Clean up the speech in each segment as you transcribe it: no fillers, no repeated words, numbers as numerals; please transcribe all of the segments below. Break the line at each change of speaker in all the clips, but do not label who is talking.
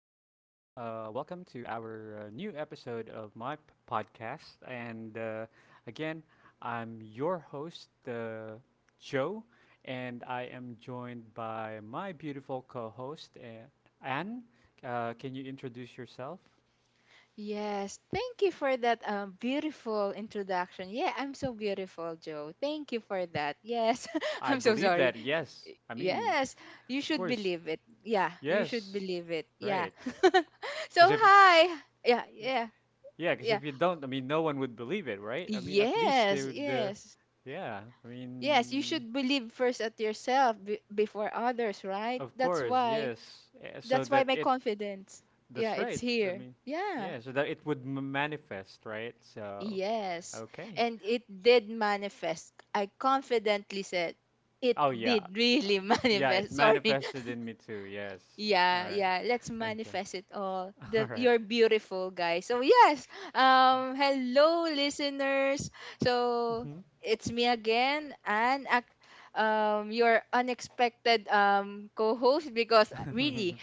Welcome to our new episode of my podcast. And again, I'm your host, Joe, and I am joined by my beautiful co host, Anne. Can you introduce yourself?
Yes, thank you for that beautiful introduction. Yeah, I'm so beautiful, Joe. Thank you for that. Yes,
I
I'm so
believe
sorry.
that,
Y-
yes. I mean,
Yes, you
of
should
course,
believe it. Yeah, you should
yes.
believe it. Yeah.
Right.
So,
Because if,
hi. Yeah, yeah,
Yeah, because
yeah.
if you don't, I mean, no one would believe it, right? I mean, at least they
Yes,
would.
yes.
Yeah, I
Yes, you
mean,
should believe first at yourself before others, right?
of
That's
course,
why.
yes. So
That's why
that
my
it.
confidence. Yeah,
That's
it's
right. I
here.
mean,
Yeah.
yeah. So that it would manifest, right? So
Yes,
okay.
and it did manifest. I confidently said it
Oh yeah,
did
uh,
really
yeah. It
manifest. Sorry.
manifested in me too. Yes. All
Yeah,
right.
yeah, let's
Okay.
manifest it all.
All
The
right.
you're beautiful, guys. So yes. Hello listeners. So
Mm-hmm.
it's me again and your unexpected co-host because really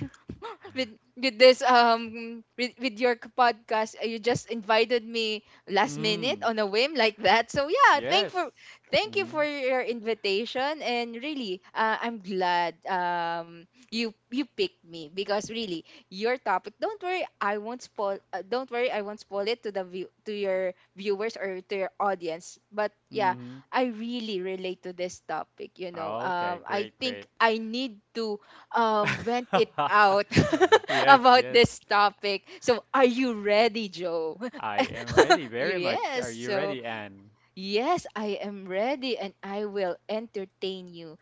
with with this with your podcast you just invited me last minute
Mm.
on a whim like that. So yeah,
Yes.
thank you
Mm.
for your invitation, and really I'm glad you picked me because really your topic, don't worry I won't spoil don't worry I won't spoil it to the view to your viewers or to your audience, but yeah,
Mm.
I really relate to this topic, you know.
Okay.
I
Great.
think
Great.
I need to vent it out
Yes.
about
Yes.
this topic. So are you ready, Joe?
I am ready very much. Are
Yes.
you
So
ready, Anne?
yes, I am ready and I will entertain you.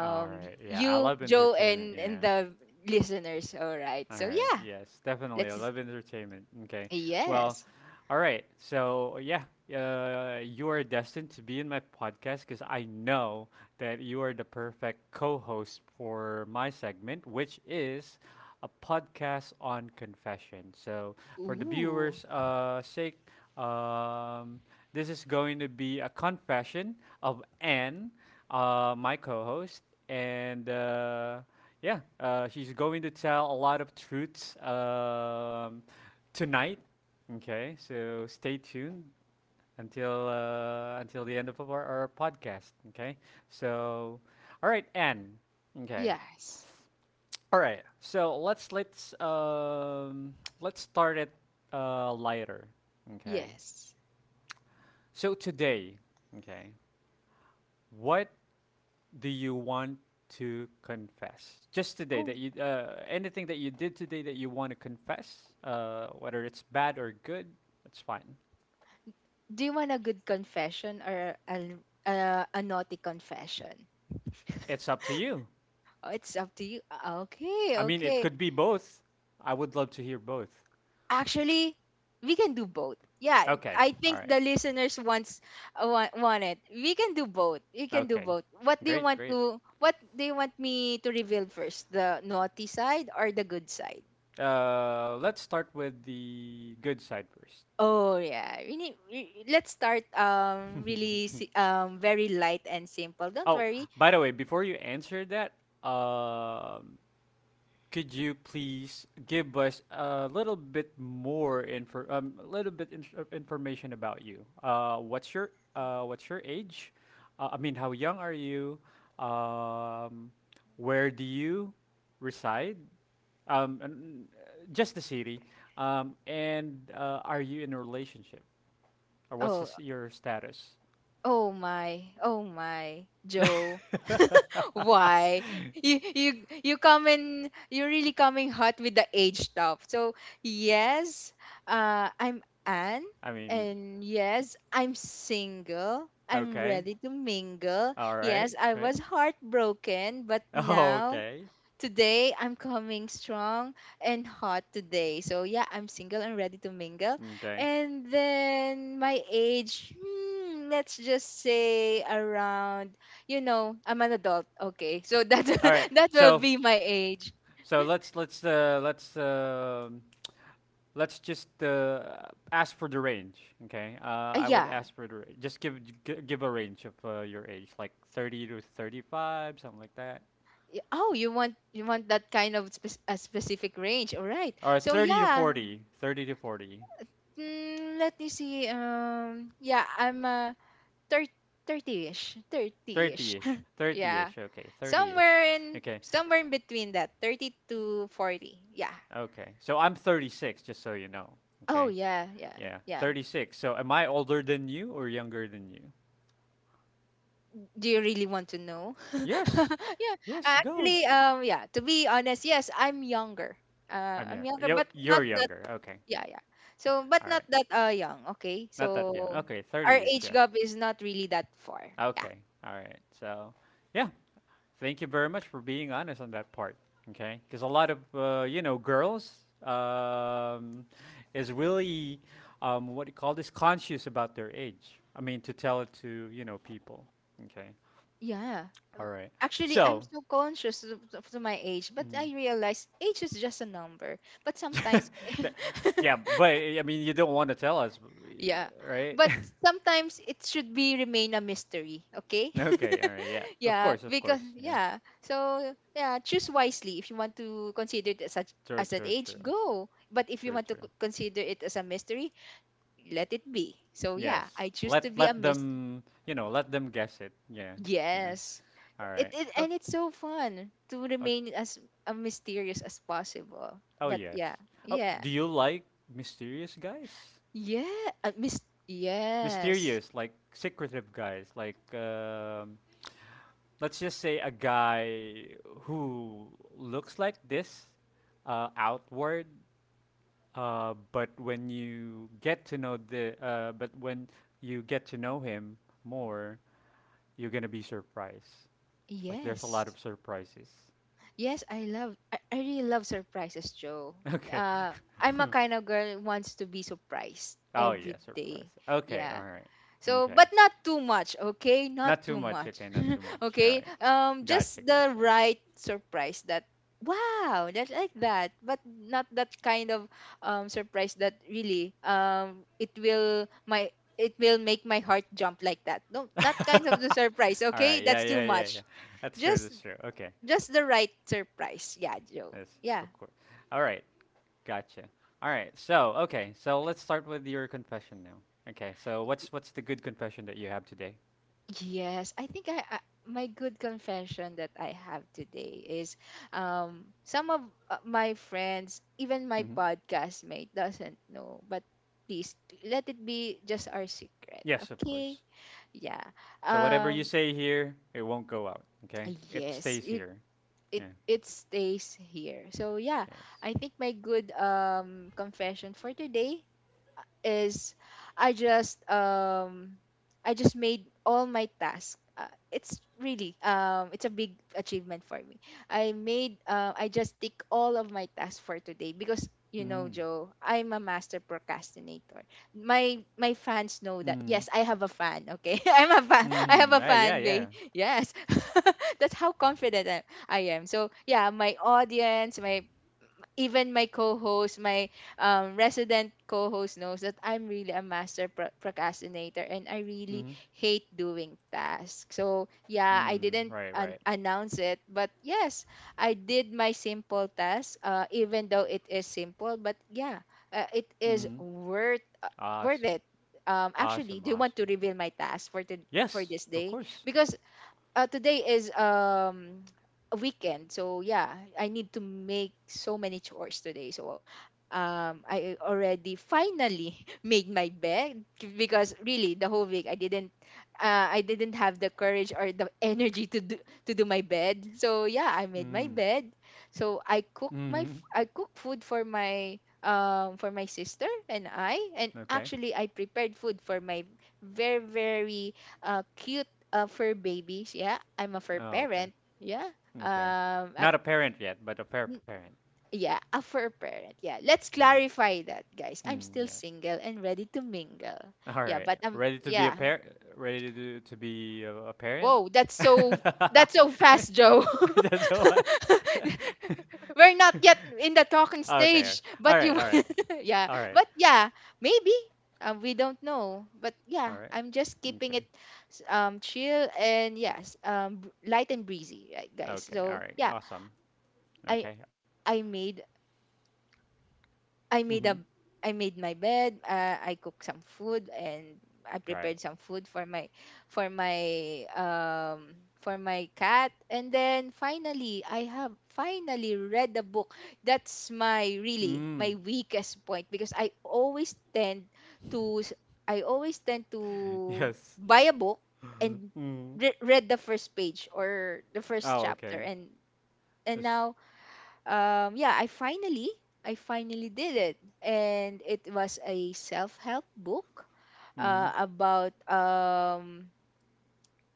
All right. Yeah, I
you,
love
Joe,
entertainment.
and
Yeah.
the listeners. All right.
All
So
right.
yeah,
Yes, definitely. I
let's
love entertainment. Okay. Well,
yes.
all right. So, yeah, you are destined to be in my podcast because I know that you are the perfect co host for my segment, which is a podcast on confession. So, for the
Ooh.
viewers' sake, um, this is going to be a confession of Anne, my co host, and yeah, she's going to tell a lot of truths tonight. Okay, so stay tuned until the end of our podcast. Okay. So, all right, Anne. Okay.
Yes.
All right. So let's let's start it lighter. Okay.
Yes.
So today, okay, what do you want to confess? Just today that
Oh,
you anything that you did today that you want to confess, whether it's bad or good, that's fine.
do you want a good confession or a naughty confession?
It's up to you.
Oh, it's up to you. Ah, okay,
I mean, it
okay.
could be both. I would love to hear both.
Actually, we can do both. Yeah,
Okay.
I
All
think
right.
the listeners wants want it. We can do both. We can do
Okay.
both. What do you
Great.
want
Great.
to what do you want me to reveal first? The naughty side or the good side?
Let's start with the good side first.
Oh yeah. Let's start really very light and simple. Don't
Oh,
worry.
by the way, before you answer that, um, could you please give us a little bit more info, a little bit in- information about you? What's your age? I mean, how young are you? Um, where do you reside? Just the city. And are you in a relationship, or what's
Oh,
this, your status?
oh my, oh my, Joe. Why? You you you come in, you're really coming hot with the age stuff. So yes, I'm Anne,
I mean,
and yes, I'm single. I'm
okay,
ready to mingle.
all right,
Yes, I
great,
was heartbroken, but now
okay.
today, I'm coming strong and hot today. So, yeah, I'm single and ready to mingle.
Okay.
And then my age, hmm, let's just say around, you know, I'm an adult. Okay. So that
All right.
that will
So
be my age.
so let's let's uh, let's uh, let's just ask for the range. Okay. I would
Yeah.
ask for the give a range of your age, like 30 to 35, something like that,
Oh, you want that kind of a specific range. All right.
or
So,
30 to
yeah.
40, 30 to 40,
Mm, let me see. Yeah, I'm thir- 30ish, 30ish.
thirty-ish,
Yeah,
thirty-ish. Okay, thirty-ish.
somewhere in
Okay.
between that 30 to 40. Yeah.
Okay. So I'm 36, just so you know.
Oh
Okay.
yeah, yeah,
Yeah,
yeah.
36. So am I older than you or younger than you?
Do you really want to know?
Yes.
Yeah,
Yes, go.
actually, yeah, to be honest, yes, I'm younger.
I'm
I'm
young.
younger,
You
but
you're
not that,
younger. Okay.
yeah, yeah. So but
All
not
right.
that young, okay?
Not that young.
So
Okay,
our
30-ish,
age
yeah.
gap is not really that far. Yeah.
Okay. All right. So, yeah. Thank you very much for being honest on that part. Okay? Cuz a lot of you know, girls is really what do you call this conscious about their age. I mean, to tell it to, you know, people. Okay.
Yeah.
All
Um,
right.
actually, I'm
So,
so conscious of to my age, but
mm,
I realize age is just a number. But sometimes,
that- yeah, but I mean, you don't want to tell us,
yeah.
right?
But sometimes it should be remain a mystery, okay?
Okay, all right, yeah. Of
Yeah,
course, of
because
course. Yeah.
yeah. So yeah, choose wisely. If you want to consider it as
True,
as an
true,
age,
true,
go. But if you
true,
want to
true.
consider it as a mystery, let it be. So yeah,
Yes.
I choose to
Let
be a
let
mystery.
them, you know, let them guess it. Yeah, yeah.
Yes.
All right. Oh,
It's so fun to
oh,
remain as mysterious as possible.
oh
But
yes.
yeah,
Oh,
yeah,
do you like mysterious guys?
yeah. Yes,
Mysterious, like secretive guys, like let's just say a guy who looks like this, outward, but when you get to know the, but when you get to know him more, you're gonna be surprised. Like there's a lot
yes,
of surprises.
yes. I love. I really love surprises, Joe.
Okay.
Uh, I'm a kind of girl who wants to be surprised
Oh yeah,
every
surprise.
day.
Okay, all
Yeah.
right.
So, but
Okay.
not too much, okay? Not
Not too
too
much.
much.
Okay, not too much. All
Okay?
right.
Just
Gotcha,
the right surprise that wow, that's like that, but not that kind of surprise that really it will make my heart jump like that. No, not kind
gotcha.
of the surprise,
All
okay?
right. Yeah,
That's too
yeah, yeah, yeah.
much.
That's true.
Just
That's true. Okay.
just the right surprise. Yeah, Joe.
Yes,
Yeah.
of course. All right. Gotcha. All right. So, okay. So let's start with your confession now. Okay. So what's the good confession that you have today?
Yes, I think I, my good confession that I have today is some of my friends, even my
Hmm.
podcast mate, doesn't know, but please let it be just our secret,
Yes, of
okay?
course.
Yeah.
So whatever you
Um
say here, it won't go out. Okay. It
yes,
stays here. Yeah.
it stays here. So yeah,
Yes.
I think my good confession for today is I just um I just made all my tasks. It's really it's a big achievement for me. I just tick all of my tasks for today because you
Mm.
know, Joe, I'm a master procrastinator. My fans know that.
Mm.
Yes, I have a fan, okay? I'm a fan. I have
Mm.
a
Yeah, yeah,
fan
yeah.
base. Yes. That's how confident I am. So, yeah, my audience, my even my co-host, my resident co-host knows that I'm really a master procrastinator, and I really
Mm.
hate doing tasks. So yeah, I
Mm.
didn't
Right, right.
announce it, but yes, I did my simple task, even though it is simple. But yeah, it is
Mm.
worth worth
Awesome.
it. Actually,
Awesome,
do you want to
awesome.
reveal my task for
Yes,
this
of
day?
course.
Because today is a weekend, so yeah, I need to make so many chores today. So I already finally made my bed, because really the whole week I didn't have the courage or the energy to do my bed. So yeah, I made my
Mm.
bed. So
Mm.
I cook food for my sister and I, and
Okay.
actually I prepared food for my very, very cute fur babies. Yeah, I'm a fur
Oh, okay.
parent. Yeah.
Okay.
Um, ac-
Not a parent yet, but a pair parent.
yeah, a fur parent. Yeah, let's
Mm.
clarify that, guys. I'm
Mm,
still
yeah.
single and ready to mingle.
All
Yeah,
right.
but
Ready to be a
yeah.
parent? Ready to do, to be a parent?
Whoa, that's so fast, Joe.
That's the last.
We're not yet in the talking
Okay.
stage,
All
but
right. All
you,
right.
yeah,
All right.
but yeah, maybe. We don't know, but
All
yeah,
right.
I'm just keeping it
Okay.
chill and yes, light and breezy, right, guys.
Okay. All
So
right.
yeah,
Awesome.
I
Okay.
I made I
Mm-hmm.
made a I made my bed. I cooked some food and I
All right.
prepared some food for my um for my cat. And then finally, I have finally read the book. That's
Mm.
my weakest point because I always tend to I always tend to
Yes.
buy a book and
Mm.
read the first page or the first
Oh,
chapter.
okay.
and and
This.
now yeah, I finally I finally did it, and it was a self-help book
Mm-hmm.
about um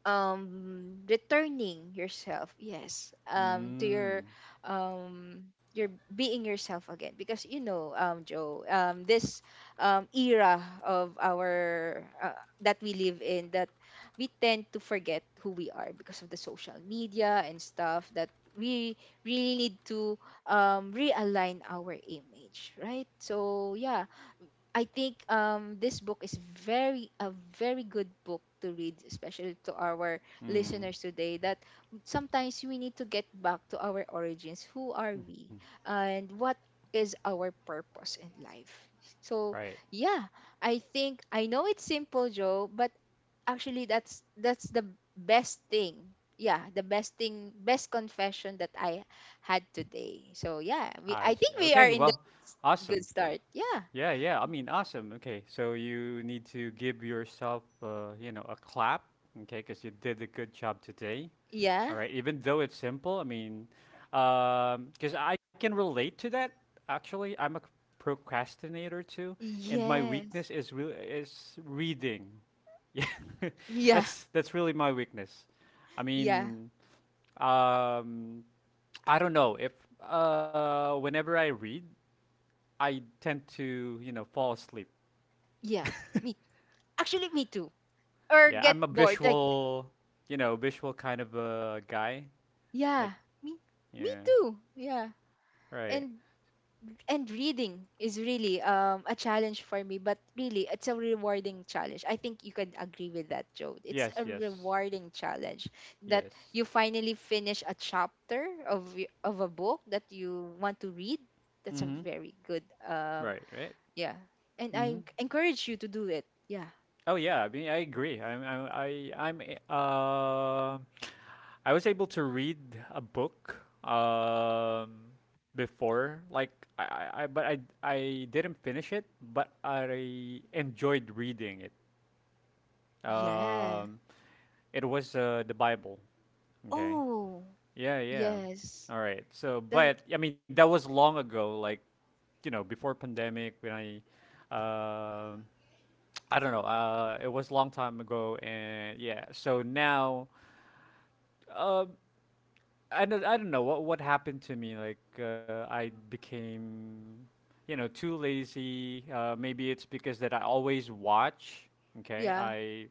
um returning yourself, yes, to
Mm.
um your being yourself again, because you know, Joe, this era of our that we live in, that we tend to forget who we are because of the social media and stuff, that we really need to realign our image, right? So yeah, I think this book is very good book to read, especially to our
Mm.
listeners today. That sometimes we need to get back to our origins. Who are
Mm-hmm.
we, and what is our purpose in life? So
Right.
yeah, I think I know it's simple, Joe, but actually that's the best thing. Yeah, the best thing, best confession that I had today. So yeah,
I
we I
see.
think we
Okay.
are
Well,
in the
awesome.
good start. Yeah,
Yeah. Yeah. I mean, awesome. Okay. So you need to give yourself, you know, a clap. Okay, because you did a good job today.
yeah.
All right, even though it's simple, I mean, because I can relate to that. Actually, I'm a procrastinator too, and my
Yes.
weakness is really is reading. Yeah,
Yeah.
that's really my weakness. I
Yeah.
mean, um, I don't know if whenever I read, I tend to you know fall asleep.
Yeah. Me. Actually, me too. Or
Yeah,
get
I'm a
bored. Like
visual, you know, visual kind of a guy. Like,
yeah. Me. Me
yeah,
too. Yeah.
right.
And and reading is really a challenge for me, but really it's a rewarding challenge. I think you can agree with that, Joe. It's
Yes,
a
yes,
rewarding challenge that
yes.
you finally finish a chapter of of a book that you want to read.
Mm-hmm.
That's a very good
Right. Right.
yeah. And
Mm-hmm.
I encourage you to do it. Yeah.
Oh yeah. I mean, I agree. I'm. a- Um. I was able to read a book. Um. Before, like, I. I. I- But I. I didn't finish it. But I enjoyed reading it.
Yes.
Um. It was the Bible. Okay.
Oh,
Yeah. Yeah.
yes.
All right. So,
Def-
but I mean, that was long ago. Like, you know, before pandemic, when I. Um. I don't know. It was a long time ago, and yeah. So now, uh, I don't know what happened to me. Like I became, you know, too lazy. Maybe it's because that I always watch. Okay,
yeah.
I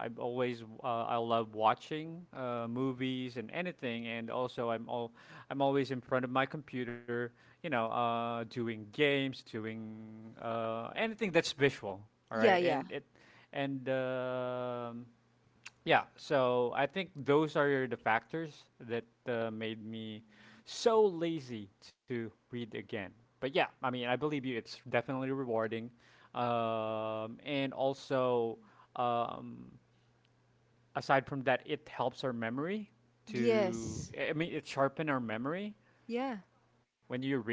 I'm always I love watching movies and anything, and also I'm always in front of my computer. You know, doing games, doing anything that's visual. All
Yeah,
right,
yeah.
and it and yeah, so I think those are the factors that made me so lazy to read again. But yeah, I mean, I believe you. It's definitely rewarding, and also um, aside from that, it helps our memory. To
Yes.
I mean, it sharpen our memory
Yeah.
when you read.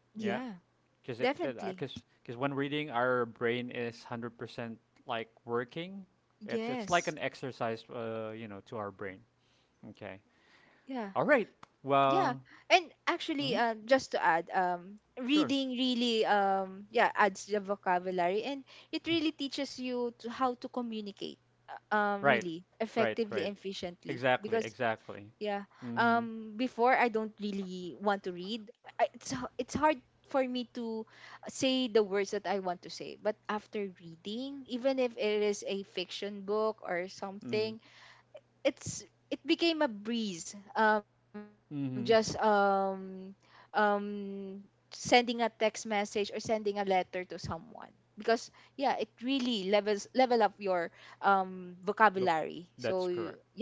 Yeah,
Yeah.
because it
Definitely.
because when reading, our brain is 100% like working. It's like
Yes.
an exercise, you know, to our brain. Okay.
Yeah.
All right.
Yeah.
Well,
And actually,
mhm,
just to add,
sure.
reading really yeah adds the vocabulary, and it really teaches you to how to communicate
Right.
really
Right.
effectively
Right.
and efficiently
Exactly.
because
Exactly.
yeah.
Mm-hmm.
Before, I don't really want to read. It's it's hard for me to say the words that I want to say. But after reading, even if it is a fiction book or
Mm-hmm.
something, it became a breeze. Just
Mm-hmm.
um sending a text message or sending a letter to someone, because yeah, it really level up your vocabulary.
Look,
So
that's correct.
yeah,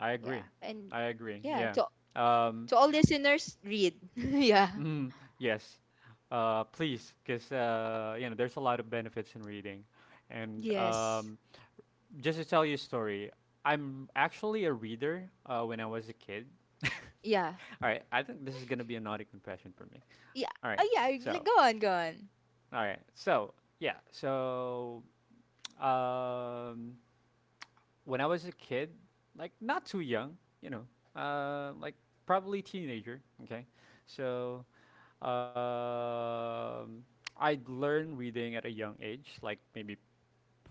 I
yeah,
agree.
and
I agree.
yeah.
Yeah.
So
Um,
to all listeners, read. Yeah.
mm, yes. Please, because you know, there's a lot of benefits in reading, and
Yes.
just to tell you a story, I'm actually a reader when I was a kid. All
Yeah.
right, I think this is gonna be a naughty confession for me. All
Yeah.
right,
Oh, yeah.
so
Like, go on. Go on.
All right. So, yeah. So, um, when I was a kid, like not too young, you know, like probably teenager. Okay. So, um, I learned reading at a young age, like maybe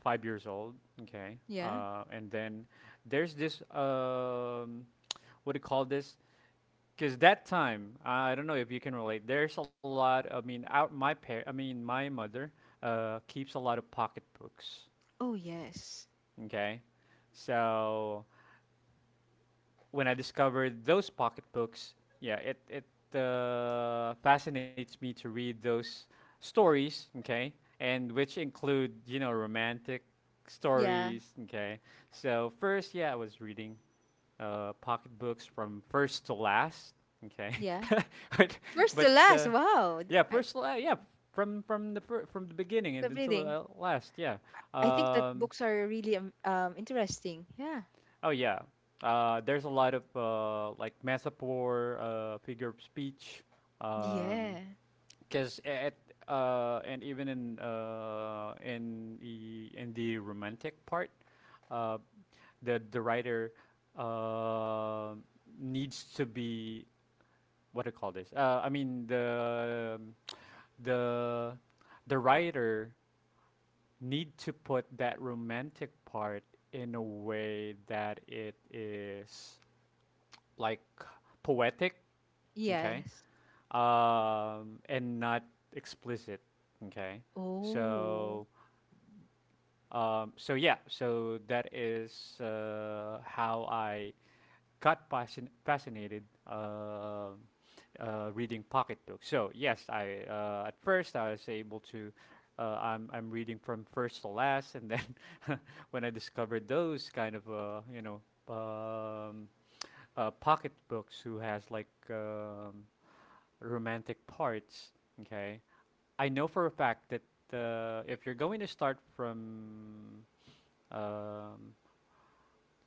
5 years old. Okay.
Yeah.
And then there's this, what do you call this? Because that time, I don't know if you can relate. There's a lot. I mean, I mean, my mother keeps a lot of pocketbooks.
Oh, yes.
Okay, so when I discovered those pocketbooks, yeah, it fascinates me to read those stories. Okay, and which include you know romantic
Yeah.
stories. Okay, so first, yeah, I was reading pocketbooks from first to last. Okay,
Yeah.
but
First to
but
last. Wow. Th-
yeah,
I
yeah, from from the beginning and
kept
until
reading.
last. Yeah.
I think that
Um,
books are really interesting. Yeah.
oh yeah. There's a lot of like metaphor, figure of speech,
Yeah.
because at and even in the romantic part, uh, the writer uh, needs to be what do you call this? I mean the the writer need to put that romantic part in a way that it is like poetic, okay?
Yes.
And not explicit, okay?
Oh.
So so yeah, so that is how I got fascinated reading pocketbooks. So yes, I at first I was able to. I'm reading from first to last, and then when I discovered those kind of um, pocketbooks who has like romantic parts, okay. I know for a fact that if you're going to start from um,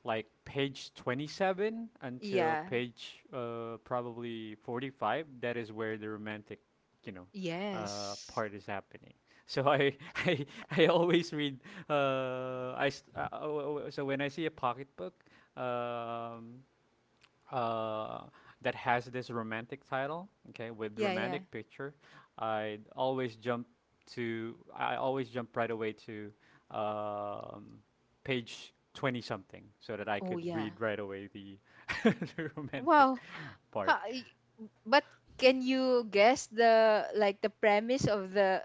like page 27 until
Yeah.
page probably 45, that is where the romantic you know
Yes.
part is happening. So I I, I always read oh, oh, oh, so when I see a pocketbook um, uh, that has this romantic title, okay, with
Yeah. Yeah.
romantic picture, I always jump to I always jump right away to um, page 20 something, so that I
Oh,
could
yeah.
read right away the, the romantic
Wow.
part.
Ha, but can you guess the premise of the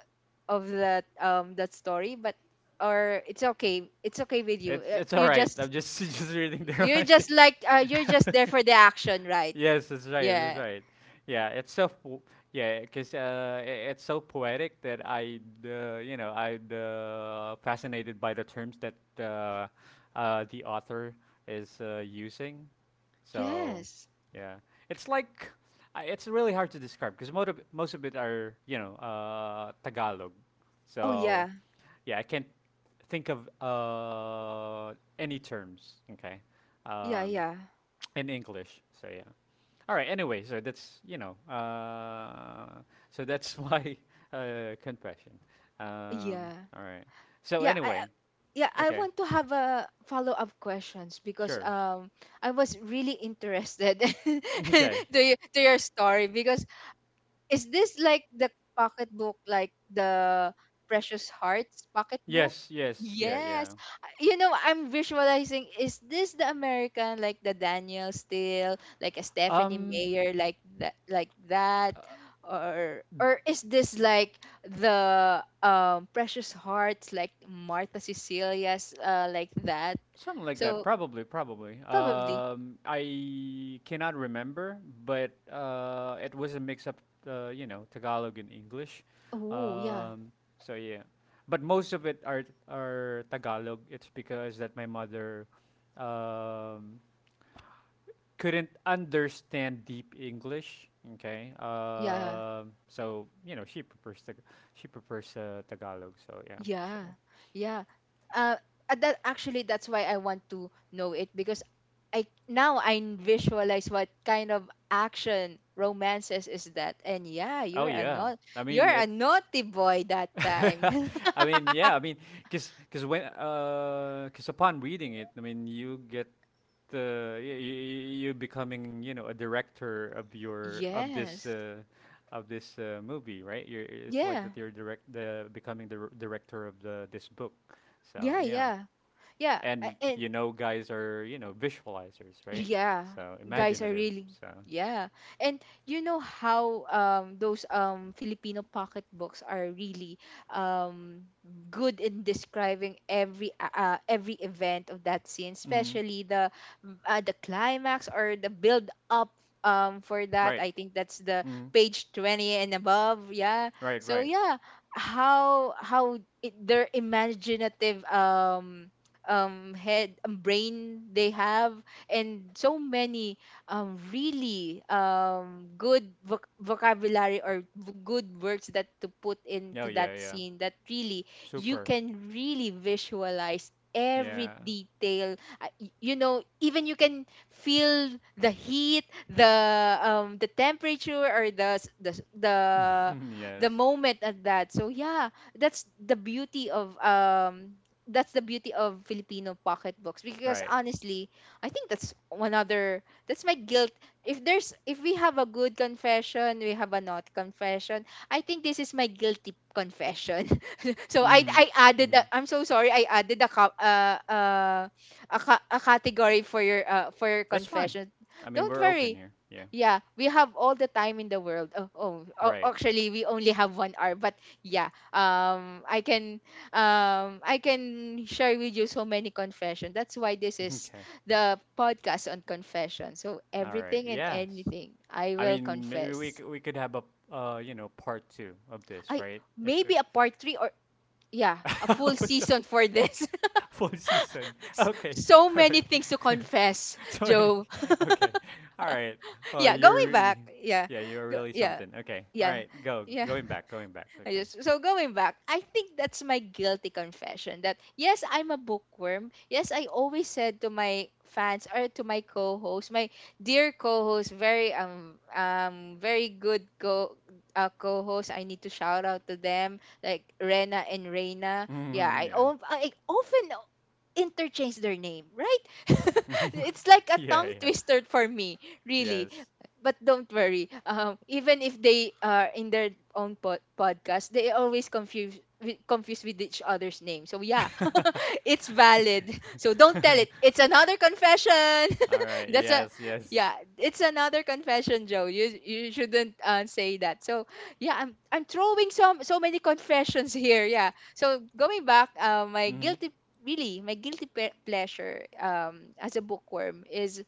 of that that story but or it's okay, with you?
It's it's all
You
right. I'm
just
just just reading the
you're
romantic.
just like you're just there for the action, right?
Yes, that's right. That's
Yeah.
right. Yeah, it's so po- yeah, cause it's so poetic that I'm fascinated by the terms that the author is using. So,
yes
yeah, it's like it's really hard to describe because most of it are Tagalog.
oh
So
yeah
yeah, I can't think of any terms. Okay,
yeah
um,
yeah
in English. So yeah. All right. Anyway, so so that's why confession.
yeah
All right. So
yeah
anyway,
I- yeah I
okay,
want to have a follow-up questions, because
sure,
I was really interested to,
okay.
to your story, because is this like the pocketbook, like the Precious Hearts pocketbook?
Yes, yes, yeah,
Yes.
yeah.
You know, I'm visualizing, is this the American, like the Daniel Steele, like a Stephanie
Um,
Mayer, like that, like that? Or is this like the Precious Hearts, like Martha Cecilia's, like that?
Something like that,
So
probably, probably.
probably.
I cannot remember, but it was a mix up, you know, Tagalog and English.
Oh, yeah.
Um, so yeah, but most of it are Tagalog. It's because that my mother um, couldn't understand deep English. Okay.
Yeah.
So you know she prefers she prefers Tagalog. So yeah, so
Yeah, yeah. Uh, that actually that's why I want to know it, because I now I visualize what kind of action romances is that. And yeah,
oh
you're a
yeah,
not
I
you're
mean
a
it
naughty boy that time.
I mean, yeah, I mean, cause, cause when, cause upon reading it, I mean, you get you becoming, you know, a director of your
Yes.
of this movie, right? You're it's like
Yeah.
that you're direct the becoming the director of the this book. So
Yeah,
yeah,
yeah. Yeah.
and
And
you know, guys are you know visualizers, right?
yeah,
So
guys are
imaginative.
really
So
yeah. And you know how those Filipino pocketbooks are really um good in describing every event of that scene,
mm,
especially the climax or the build up for that.
right,
I think that's the
mm,
page 20 and above, yeah.
right,
So
right.
yeah, how it, their imaginative head brain they have, and so many really good vocabulary or good words that to put
No,
into
yeah,
that
yeah,
scene that really you
super,
can really visualize every
yeah.
detail. You know, even you can feel the heat, the the temperature or the the
yes.
moment at that, so yeah, that's the beauty of that's the beauty of Filipino pocketbooks, because
Right.
honestly I think that's one other that's my guilt. If there's if we have a good confession, we have a not confession. I think this is my guilty confession. So I
Mhm.
I added, I
Mhm.
am so sorry, I added a a category for your
That's fine.
confession.
I mean,
Don't
we're open
worry.
here. Yeah.
Yeah, we have all the time in the world. Oh, oh, oh,
Right.
actually, we only have 1 hour. But yeah, I can share with you so many confessions. That's why this is
Okay.
the podcast on confession. So
All right.
everything and
Yes.
anything, I
I
will
mean, maybe
confess.
we could have a you know, part 2 of this,
I
right? If,
maybe a part three or yeah, a full
if so,
season for this.
full season.
S-
Okay.
so
All
many
right.
things to confess,
so
Joe.
anything. Okay. All right. Well,
Yeah,
you're
going
re-
back. Yeah,
yeah, you're
go,
really
yeah,
something. Okay. All
yeah,
right. Go.
yeah.
Going back. Going back.
I
Okay.
just so going back, I think that's my guilty confession that yes, I'm a bookworm. Yes, I always said to my fans or to my co-host, my dear co-host, very very good co co-host. I need to shout out to them like Rena and Reina. Yeah,
yeah.
I often interchange their name, right? It's like a
yeah,
tongue
yeah.
twister for me, really.
Yes.
But don't worry. Even if they are in their own podcast, they always confused with each other's name. So yeah, it's valid. So don't tell it. It's another confession.
All right.
That's a
Yes. Yes.
yeah, it's another confession, Joe. You shouldn't say that. So yeah, I'm throwing so many confessions here. Yeah. So going back, my
Mm.
guilty really my guilty pleasure as a bookworm is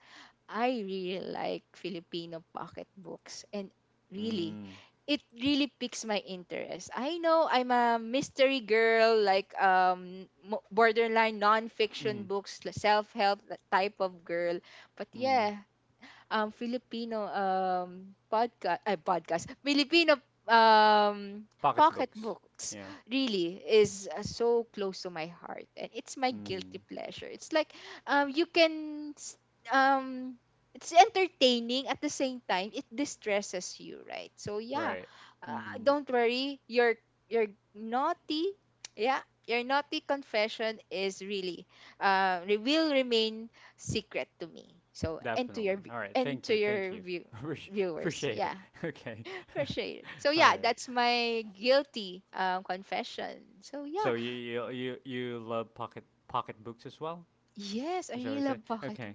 I really like Filipino pocketbooks, and really
Mm.
it really piques my interest. I know I'm a mystery girl, like borderline non-fiction
Mm.
books, like self-help type of girl, but
Mm.
yeah, Filipino um, pocket
Pocketbooks.
books
Yeah.
really is so close to my heart. And it's my guilty
Mm.
pleasure. It's like um, you can, s- um, it's entertaining, at the same time, it distresses you, right? So, yeah,
Right. Mm.
don't worry, your naughty, yeah, your naughty confession is really will remain secret to me. So
Definitely. All right.
and
Thank
to
you. Thank
your
you. Appreci-
viewers,
Appreciate it.
yeah,
Okay.
appreciate it, so
All
yeah,
right.
that's my guilty confession, so yeah
So you love pocketbooks as well?
yes I
Is that what you
really
say?
love pocket
Okay.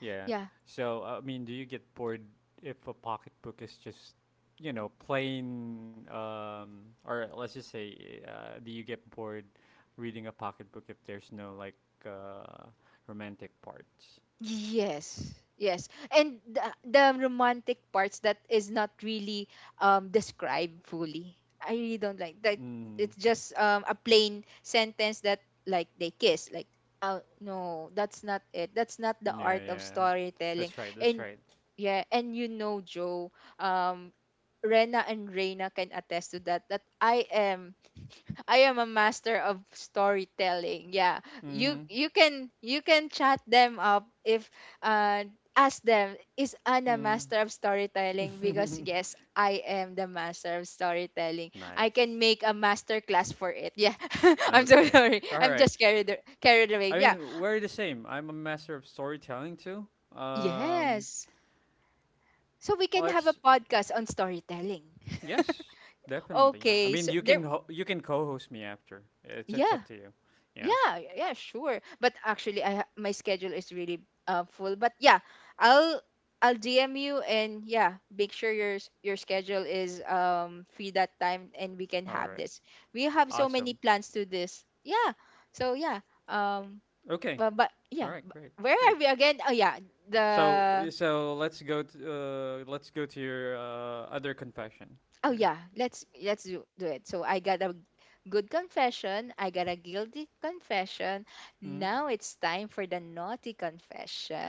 Yeah.
yeah.
So, I mean, do you get bored if a pocketbook is just, you know, plain, or let's just say, do you get bored reading a pocketbook if there's no, like, uh, romantic parts?
Yes. Yes. And the romantic parts that is not really described fully. I really don't like that.
Mm.
It's just a plain sentence that like they kiss, like oh no, that's not it. That's not the
Yeah,
art of
yeah.
storytelling.
That's right, that's
And
right.
yeah, and you know Joe, um Rena and Reina can attest to that that I am a master of storytelling. Yeah. You
Mm-hmm.
you can you can chat them up if uh ask them is Anna
Mm.
master of storytelling, because yes, I am the master of storytelling. I
Nice.
can make a master class for it. Yeah. I'm so
Okay.
sorry.
All
I'm
right.
just carried away.
I
Yeah.
mean, we're the same. I'm a master of storytelling too. Um,
Yes. So we can have a
let's
podcast on storytelling.
Yes, definitely. I
Okay.
mean,
So there
you can co-host me after. It's
yeah.
up to you. Yeah.
Yeah, yeah, sure. But actually, my schedule is really full. But yeah, I'll I'll DM you, and yeah, make sure your your schedule is free that time and we can
All right.
have this. We have so
Awesome.
many plans to this. Yeah. So yeah. Um.
Okay.
But, but
All
yeah.
right.
b-
Great.
Where are
Great.
we again? Oh yeah.
So
The
so let's go to your other confession.
oh
Yeah.
yeah, do it. So I got a good confession, I got a guilty confession.
Mhm.
Now it's time for the naughty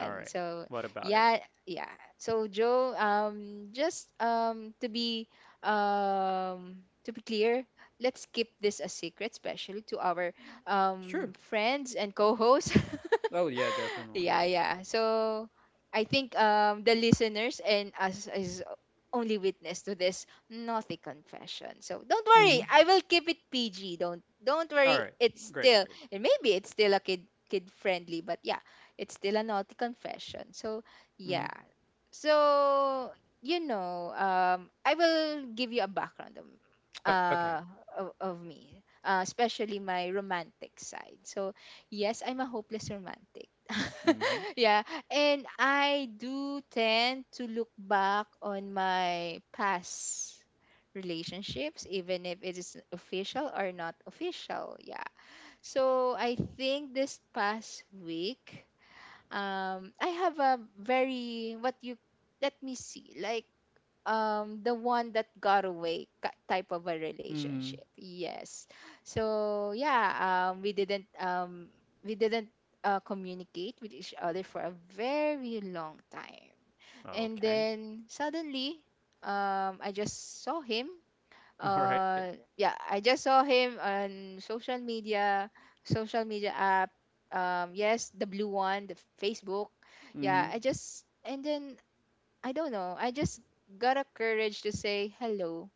All right.
So
What about it?
yeah, yeah. So Joe, just to be clear, let's keep this a secret, especially to our
Sure.
friends and co-hosts.
Oh yeah, definitely.
Yeah, yeah. So I think the listeners and us is only witness to this naughty confession. So don't
Mhm.
worry, I will keep it PG. Don't
All right.
worry, it's
Great.
still
Great.
and maybe it's still a kid kid friendly, but yeah, it's still a naughty confession. So
Mhm.
yeah. So you know, I will give you a background of
Okay.
uh of me. Especially my romantic side. So yes, I'm a hopeless romantic.
Mhm.
Yeah, and I do tend to look back on my past relationships, even if it is official or not official. Yeah. So I think this past week, I have a very what you let me see like the one that got away type of a
Mhm.
relationship, yes, so yeah, um we didn't um we didn't communicate with each other for a very long time, and
Okay.
then suddenly I just saw him,
All right.
uh yeah, I just saw him on social media, social media app, yes, the blue one, the Facebook. Yeah,
Mhm.
I just and then I don't know. I just got a courage to say hello.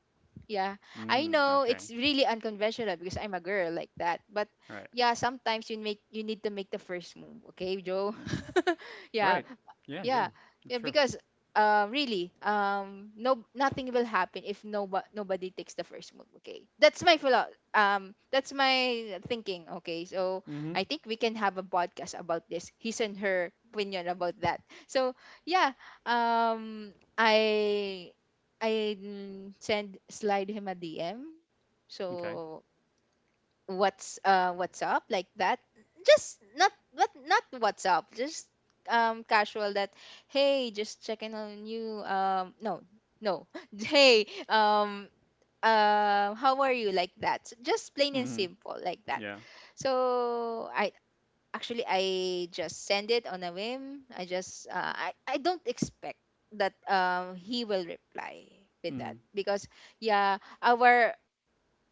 Yeah. I
Mm,
know
okay.
it's really unconventional because I'm a girl like that. But
All right.
yeah, sometimes you need to make the first move, okay, Joe?
Mhm.
Yeah.
Right. Yeah. Yeah.
Yeah yeah,
True.
because really no nothing will happen if nobody takes the first move, okay? That's my that's my thinking, okay? So
Mm-hmm.
I think we can have a podcast about this, his and her opinion about that, so yeah. um i Send slide him a DM.
Okay.
So what's up, like that. Just not what's up, just casual, that hey just checking on you. No no Hey how are you, like that. So just plain
Mm-hmm.
and simple like that.
Yeah.
So I actually I just send it on a whim. I just I don't expect that he will reply with
Mm-hmm.
that, because yeah, our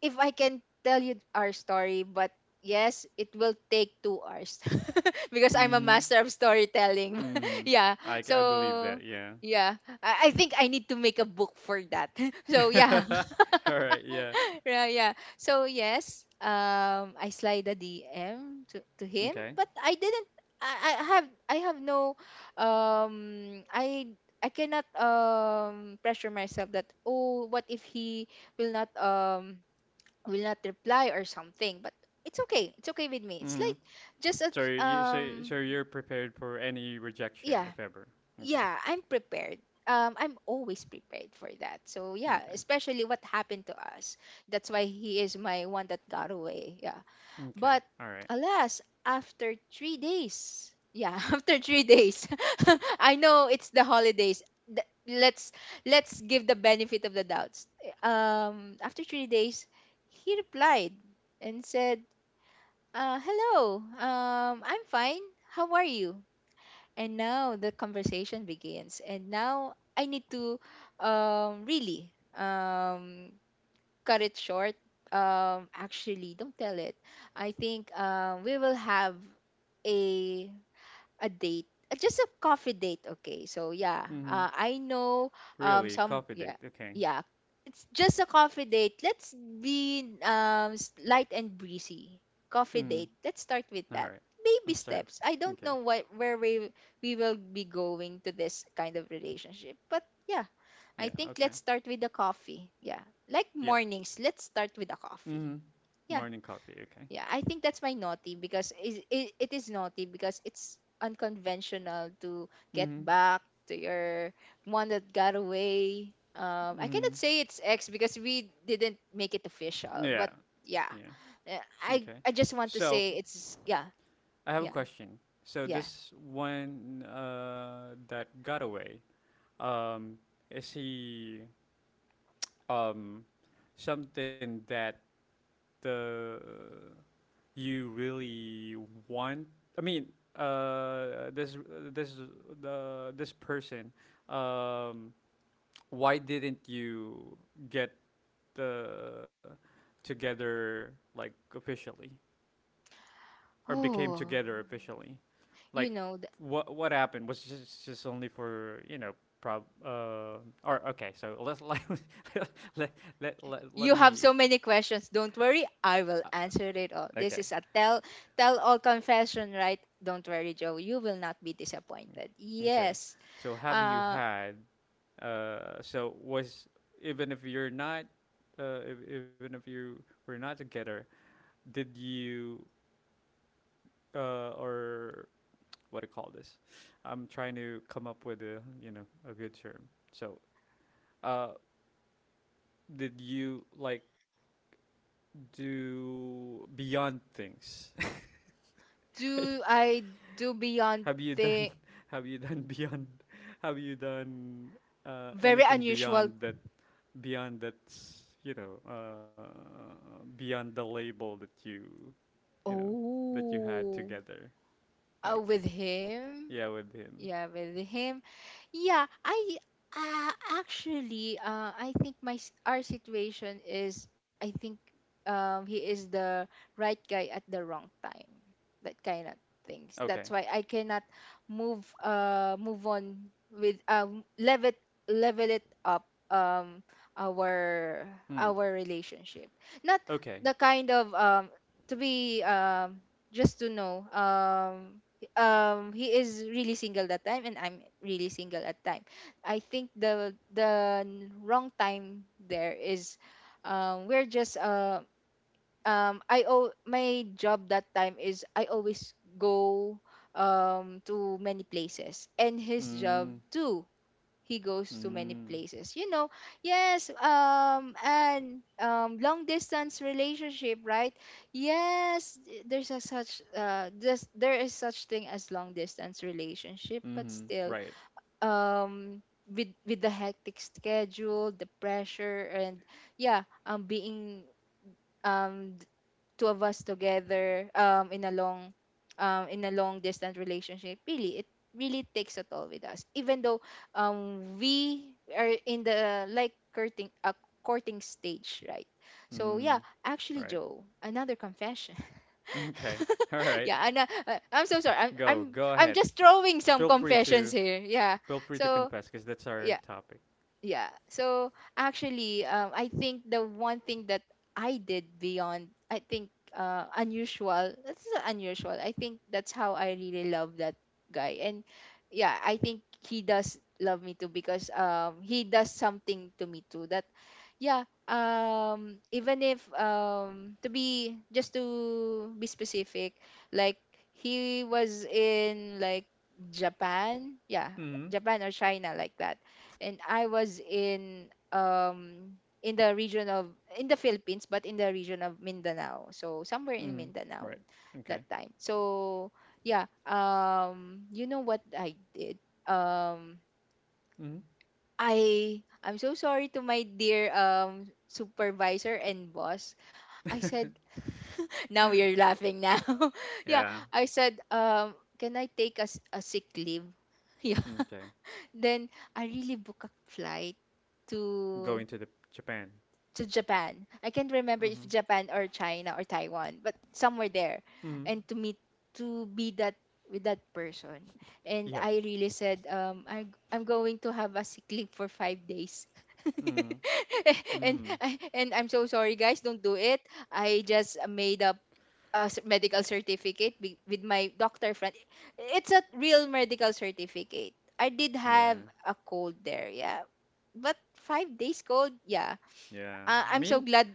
if I can tell you our story, but yes, it will take 2 hours because I'm a
Mm-hmm.
master of storytelling.
Mm-hmm.
Yeah.
I believe
So
that. Yeah.
yeah, I think I need to make a book for that. So yeah,
All right. Yeah.
yeah, yeah. So yes, I slide a DM to him,
Okay.
but I didn't. I have no um I I cannot pressure myself that oh what if he will not um will not reply or something, but it's okay, it's okay with me, it's
Mm-hmm.
like just a
So
um
you're prepared for any rejection
yeah
if ever. Okay.
yeah I'm prepared, I'm always prepared for that. So yeah,
Okay.
especially what happened to us, that's why he is my one that got away, yeah.
Okay.
But
All right.
alas, after 3 days, yeah, after 3 days I know it's the holidays. Th- let's let's give the benefit of the doubts. Um, after 3 days he replied and said, hello. I'm fine. How are you? And now the conversation begins. And now I need to really um, cut it short. Actually, don't tell it. I think we will have a a date, just a coffee date. Okay, so yeah,
Mm-hmm.
I know
Really
some
coffee date.
yeah
Okay.
yeah it's just a coffee date. Let's be light and breezy. Coffee date.
Mm-hmm.
Let's start with
All
that.
right.
Baby
Let's start.
steps. I don't
Okay.
know what where we will be going to this kind of relationship, but yeah, I
Yeah.
think
Okay.
let's start with the coffee. Yeah, like
Yep.
mornings. Let's start with the
Mm-hmm.
coffee.
Morning
Yeah,
coffee. Okay.
yeah, I think that's my naughty because it is naughty because it's unconventional to get
Mm-hmm.
back to your one that got away. I
Mm-hmm.
cannot say it's ex because we didn't make it
Yeah.
official, but yeah,
Yeah. Okay.
I just want to
So
say it's yeah,
I have a
yeah,
question. So
yeah.
this one that got away, um, is he um, something that uh, you really want? I mean, this this the this person. Um, why didn't you get uh, together like officially? Or became
Oh,
together officially?
you
Like,
know, th-
what happened? Was it just only for you know prob or okay? So let's let let
you have
me
so many questions. Don't worry, I
uh,
will answer it all.
okay
This is a tell all confession, right? Don't worry, Joe. You will not be disappointed.
okay.
Yes.
So have you
Uh,
had so was even if you're not if, even if you were not together, did you or what do you call this? I'm trying to come up with a you know a good term, so uh did you like do beyond things?
do I do beyond
have you done
the
have you done beyond have you done
very
anything
unusual?
beyond that, beyond that's you know beyond the label that you know that you had
Oh,
together, like
with him?
yeah with him.
Yeah, with him. Yeah, I uh, actually, I think my our situation is, I think, he is the right guy at the wrong time. That kind of things. That's
Okay.
why I cannot move on with, level it up, our
Hmm.
our relationship. Not
Okay.
the kind of, to be, just to know, he is really single that time and I'm really single at time. I think wrong time there is, we're just my job that time is I always go, to many places, and his job
Mm.
too, he goes to many
Mm.
places, you know. Yes, and, long distance relationship, right? Yes, there's a such there is such thing as long distance relationship, but
Mm-hmm.
still,
Right.
um with the hectic schedule, the pressure, and yeah, being, um two of us together, in a long distance relationship, really it really takes a toll with us, even though, we are in the like courting stage, right? So
Mm.
yeah,
Right.
actually, Joe, another confession.
okay all right
Yeah, and I'm so sorry, I'm, I'm
go go
i'm
ahead
just throwing some
feel free
confessions
to
here, yeah.
Feel free to
So
confess because that's our
yeah,
topic.
yeah. So actually, I think the one thing that I did beyond, I think, unusual. That's not unusual. I think that's how I really love that guy. And yeah, I think he does love me too because, he does something to me too, that yeah, even if, to be, just to be specific, like he was in, like, Japan, yeah,
Mm hmm.
Japan or China, like that, and I was in, in the region of, in the Philippines, but in the region of Mindanao, so somewhere in
Mm hmm.
Mindanao
Right. Okay.
that time. So yeah, you know what I did, um
Mm hmm.
I'm so sorry to my dear, supervisor and boss. I said, now you're laughing now. Yeah,
Yeah.
I said, can I take a, a sick leave? Yeah.
hmm. Okay.
Then I really book a flight to,
Going to the Japan.
Japan. I can't remember
Mm
if
hmm.
Japan or China or Taiwan, but somewhere there,
Mm hmm.
and to meet, to be that with that person. And
Yeah.
I really said, I'm going to have a sick leave for 5 days.
Mm hmm. Mm
And I'm so sorry, guys. Don't do it. I just made up a, medical certificate with my doctor friend. It's a real medical certificate. I did have
Yeah.
a cold there, yeah. But 5 days cold, yeah.
Yeah. I
I'm so
mean,
glad,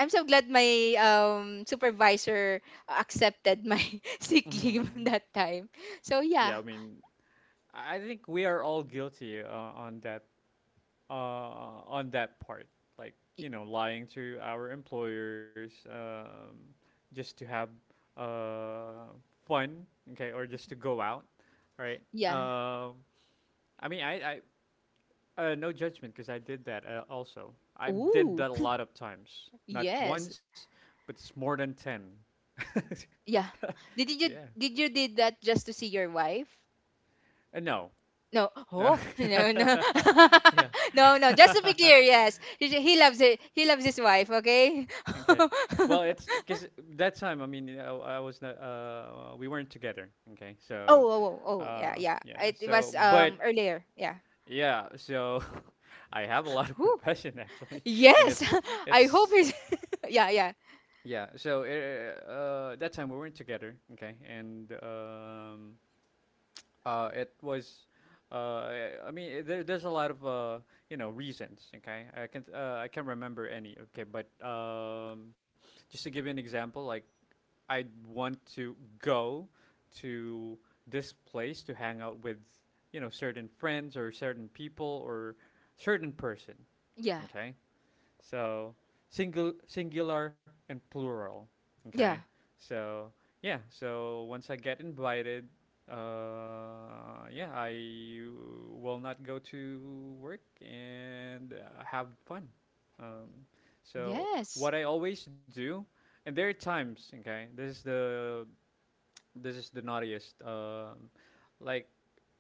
my, supervisor accepted my sick
mm hmm.
leave that time. So yeah.
Yeah, I mean, I think we are all guilty on that uh, on that part, like
Y-
you know, lying to our employers just to have uh, fun, okay, or just to go out, right?
Yeah.
Um, I mean, I no judgment because I did that also. I did
Ooh.
that a lot of times, not
Yes.
once, but it's more than ten.
Yeah. Did you
yeah,
did you did that just to see your wife?
no,
No.
Uh,
Oh. No, no.
yeah.
No, no. Just to be clear, yes. He loves it. He loves his wife, okay?
Okay. Well,
Oh,
it's because that time, I mean, you know, I was not, we weren't together. Okay.
oh,
So,
oh, oh, yeah, yeah.
yeah.
It
So,
was,
but
earlier. Yeah.
yeah. So, I have a lot of
Whew.
confession actually, and
Yes.
it's
I hope
it's
he's yeah, yeah.
yeah. So, that time we weren't together. Okay, and it was. I mean, there's a lot of you know reasons. Okay, I can't remember any. Okay, but just to give you an example, like I want to go to this place to hang out with, you know, certain friends or certain people or certain person.
Yeah.
Okay. So single, singular, and plural. Okay.
Yeah.
So yeah. So once I get invited, yeah, I will not go to work and have fun. Um, so
Yes.
what I always do, and there are times. Okay, this is the naughtiest. Like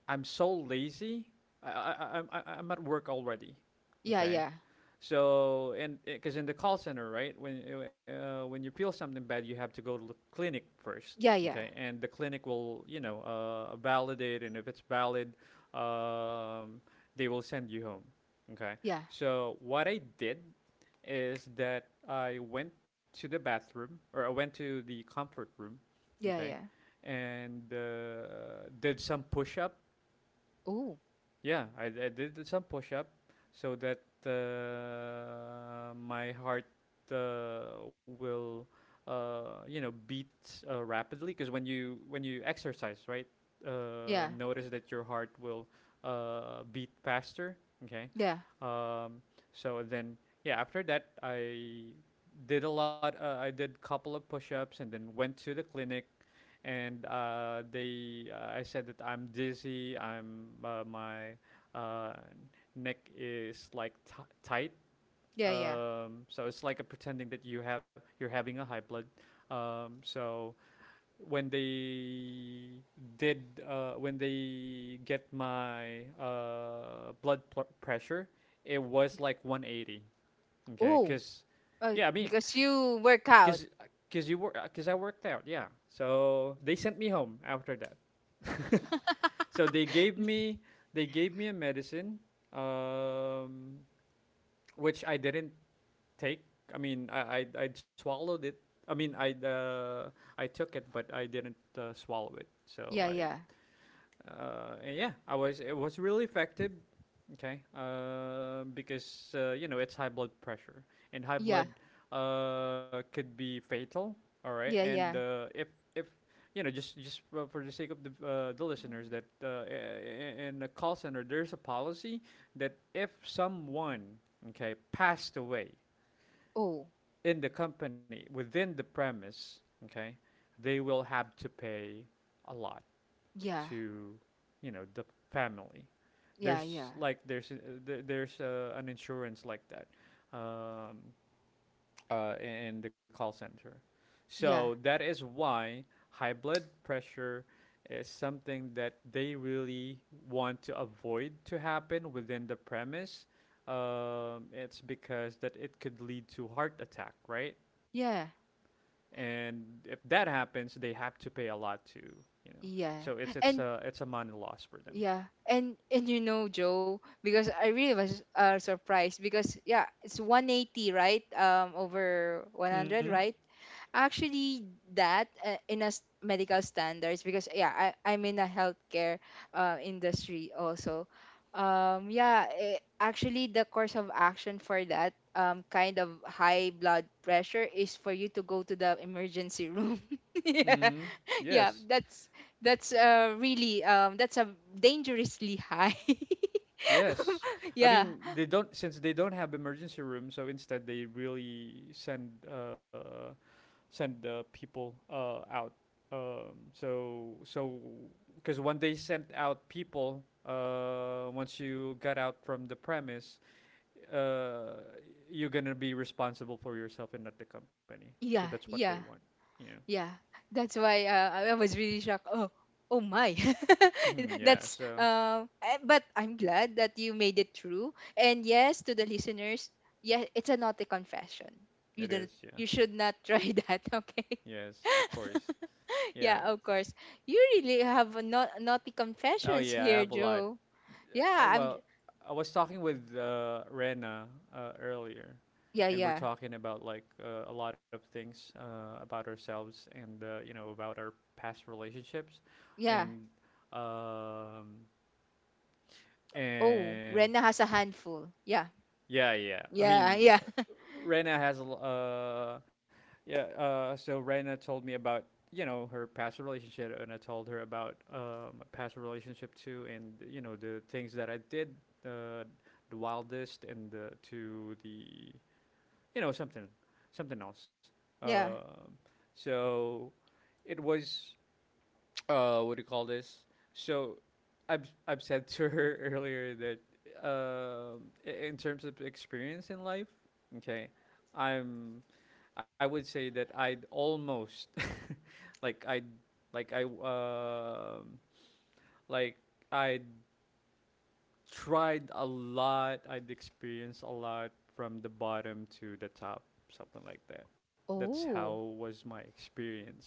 I'm so lazy. I'm at work already.
Yeah.
Okay
Yeah.
so and because in the call center, right, when you feel something bad, you have to go to the clinic first,
Yeah. Yeah.
okay? And the clinic will, you know, validate, and if it's valid, um, they will send you home, okay?
Yeah.
So what I did is that I went to the bathroom, or I went to the comfort room,
Yeah.
okay,
Yeah.
and did some push up.
Oh.
Yeah, I did some push up so that my heart will you know beat rapidly, because when you exercise, right,
Yeah.
notice that your heart will beat faster. Okay,
Yeah.
um, so then yeah, after that I did a lot. I did couple of push ups and then went to the clinic, and they I said that I'm dizzy. I'm my uh, neck is like tight.
Yeah. Yeah.
So it's like a pretending that you're having a high blood. So when they when they get my blood pressure, it was like 180. Okay,
Oh.
because yeah, I mean,
Because you work
because
out.
because you work because I worked out. Yeah, so they sent me home after that. So they gave me a medicine, um, which I didn't take. I mean, I swallowed it. I mean, I took it, but I didn't swallow it. So
Yeah,
I
yeah,
and yeah, I was it was really effective. Okay, because you know it's high blood pressure, and high
yeah,
blood could be fatal. All right,
yeah,
and
yeah.
if you know, just for the sake of the the listeners, that in a call center there's a policy that if someone okay passed away
Oh,
in the company within the premise, okay, they will have to pay a lot
yeah,
to you know the family.
yeah,
There's
yeah,
like there's an insurance like that um, uh, in the call center,
yeah,
so that is why high blood pressure is something that they really want to avoid to happen within the premise. Um, it's because that it could lead to heart attack, right,
yeah,
and if that happens they have to pay a lot to you know,
yeah.
so
And
it's a money loss for them.
yeah, and you know, Joe, because I really was, surprised because, yeah, it's 180, right? Over
Mm.
100, right? Actually that, in a, medical standards, because, yeah, I'm in a healthcare, industry also, yeah. Actually, the course of action for that, kind of high blood pressure is for you to go to the emergency room. Yeah,
Mm-hmm.
yeah,
Yes.
that's, really, that's a dangerously high,
Yes. I
yeah,
mean, they don't since they don't have emergency rooms, so instead they really send people out. So so because when they sent out people, once you got out from the premise, uh, you're gonna be responsible for yourself and not the company. So
yeah,
that's what they want.
yeah.
Yeah.
Yeah, that's why, I was really shocked. Oh, oh my.
Mhm, yeah.
That's,
So
but I'm glad that you made it through. And yes, to the listeners, yeah, it's a naughty confession.
it is. Yeah.
You should not try that, okay?
Yes. Of course. Yeah.
Yeah, of course. You really have a naughty
Oh
confessions
yeah, I
here,
have a lot.
Joe.
Uh,
Yeah,
well, I was talking with Rena earlier,
yeah,
and we're
yeah.
talking about like a lot of things about ourselves and you know about our past relationships,
Yeah.
and um,
Oh,
and
Rena has a handful. Yeah.
Yeah, yeah. I
Yeah,
mean,
yeah.
Rena has a l- yeah. So Rena told me about you know her past relationship, and I told her about my past relationship too, and you know the things that I did, uh, the wildest, and the you know something, something else.
Yeah.
Um, so it was what do you call this? So I've said to her earlier that in terms of experience in life, okay, I'm I would say that I'd almost like I like I um like I tried a lot, I'd experienced a lot from the bottom to the top, something like that. That's how
Oh.
was my experience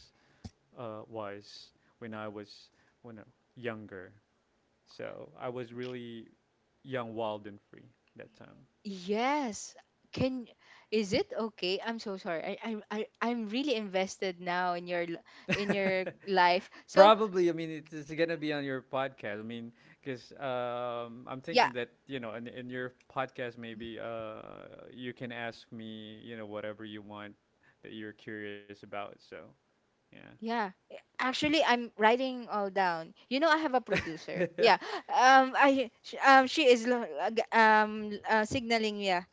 wise when I was when I younger. So I was really young, wild, and free that
Yes. Can Is it okay? I'm so sorry. I'm really invested now in your,
time.
in your life. So
Probably, I mean, it's gonna be on your podcast. I mean, because I'm
yeah,
thinking that you know, in your podcast, maybe you can ask me, you know, whatever you want that you're curious about. So yeah,
yeah. Actually, I'm writing all down. You know, I have a producer. Yeah. She is signaling. Yeah.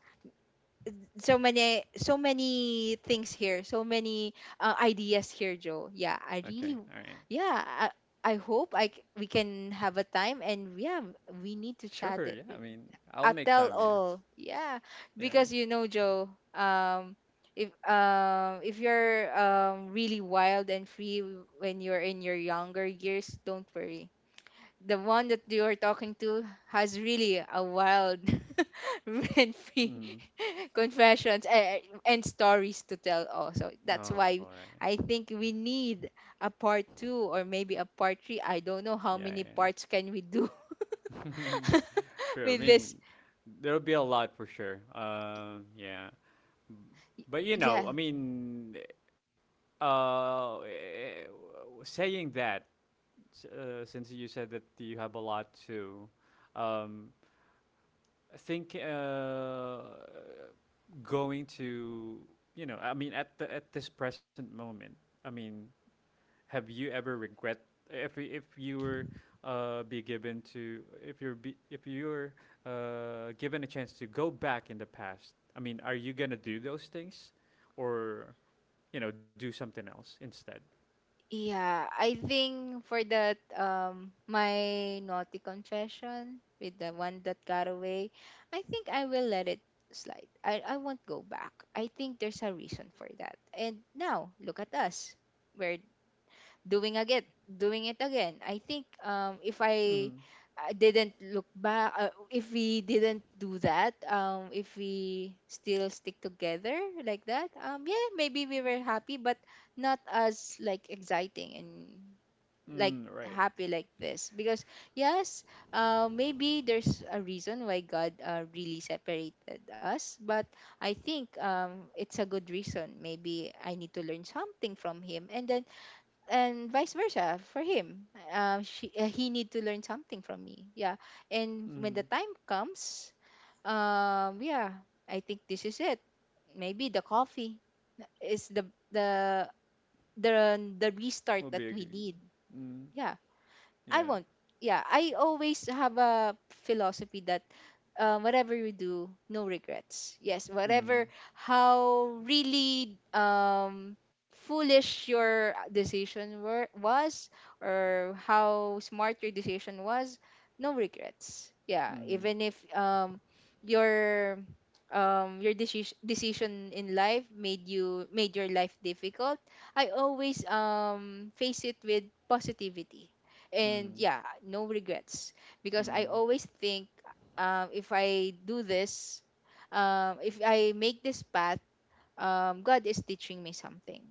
So many things here. So many, ideas here, Joe. Yeah. I
okay,
really.
all right,
Yeah. I hope we can have a time, and yeah, we need to chat
sure,
it,
yeah. I mean, I'll
a
make
tell
time. Yeah,
all. Yeah,
yeah.
because you know, Joe, um, if you're, really wild and free when you're in your younger years, don't worry. The one that you're talking to has really a wild and free
Mm.
confessions, and stories to tell also. That's
All
why
right.
I think we need a part two, or maybe a part three. I don't know how
Yeah, yeah,
many
yeah.
parts can we do
True. I
with this.
mean, there'll be a lot for sure. Yeah. But you know,
Yes.
I mean, uh, eh, saying that, since you said that you have a lot to, um, I think going to, you know, I mean, at this present moment, I mean, have you ever regret if you were be given to if you're be, if you're given a chance to go back in the past? I mean, are you gonna do those things, or you know, do something else instead?
Yeah, I think for that, my naughty confession with the one that got away, I think I will let it slide. I won't go back. I think there's a reason for that. And now look at us. We're doing it again. I think, if I
Mm.
I didn't look back. If we didn't do that, if we still stick together like that, yeah, maybe we were happy, but not as like exciting and like
Mm, right.
happy like this because, yes, maybe there's a reason why God, really separated us. But I think, it's a good reason. Maybe I need to learn something from him, and then, and vice versa for him. He need to learn something from me. Yeah, and when the
Mm.
time comes, yeah, I think this is it. Maybe the coffee is the
Will
restart
be a
that
g-
we need.
mm,
Yeah, I
yeah.
won't. Yeah, I always have a philosophy that, whatever you do, no regrets. Yes,
Mm.
whatever, how really, foolish your was, or how smart your decision was, no regrets. Yeah,
Mm.
even if, your your decision in life made your life difficult, I always, face it with positivity, and
Mm.
yeah, no regrets, because I
Mm.
always think, if I do this, if I make this path, God is teaching me something.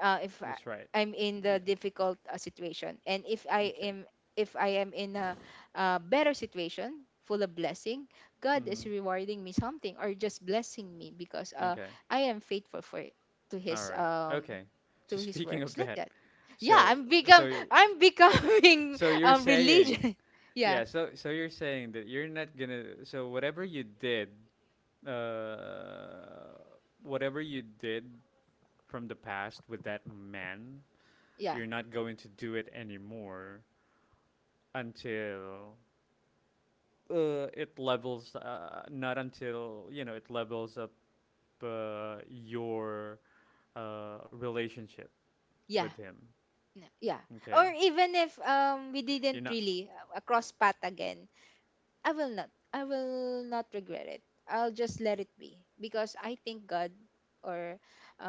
If I,
That's right.
I'm in
Yeah.
the difficult, situation, and
Okay.
if I am in a better situation, full of blessing, God is
Mm.
rewarding me something, or just blessing me because,
Okay.
I am faithful for, to
All
His,
right. Okay. So
to His
speaking of
works, like
that,
that. Yeah,
so so you,
I'm becoming
So you're saying,
religion. Yeah,
yeah, so you're saying that you're not gonna, so uh, whatever you did from the past with that man,
yeah,
you're not going to do it anymore until not until, you know, it levels up your relationship with
yeah,
him.
yeah.
Okay?
Or even if, we
You're
didn't
not
really, cross path again, I will not. I will not regret it. I'll just let it be because I think God, or,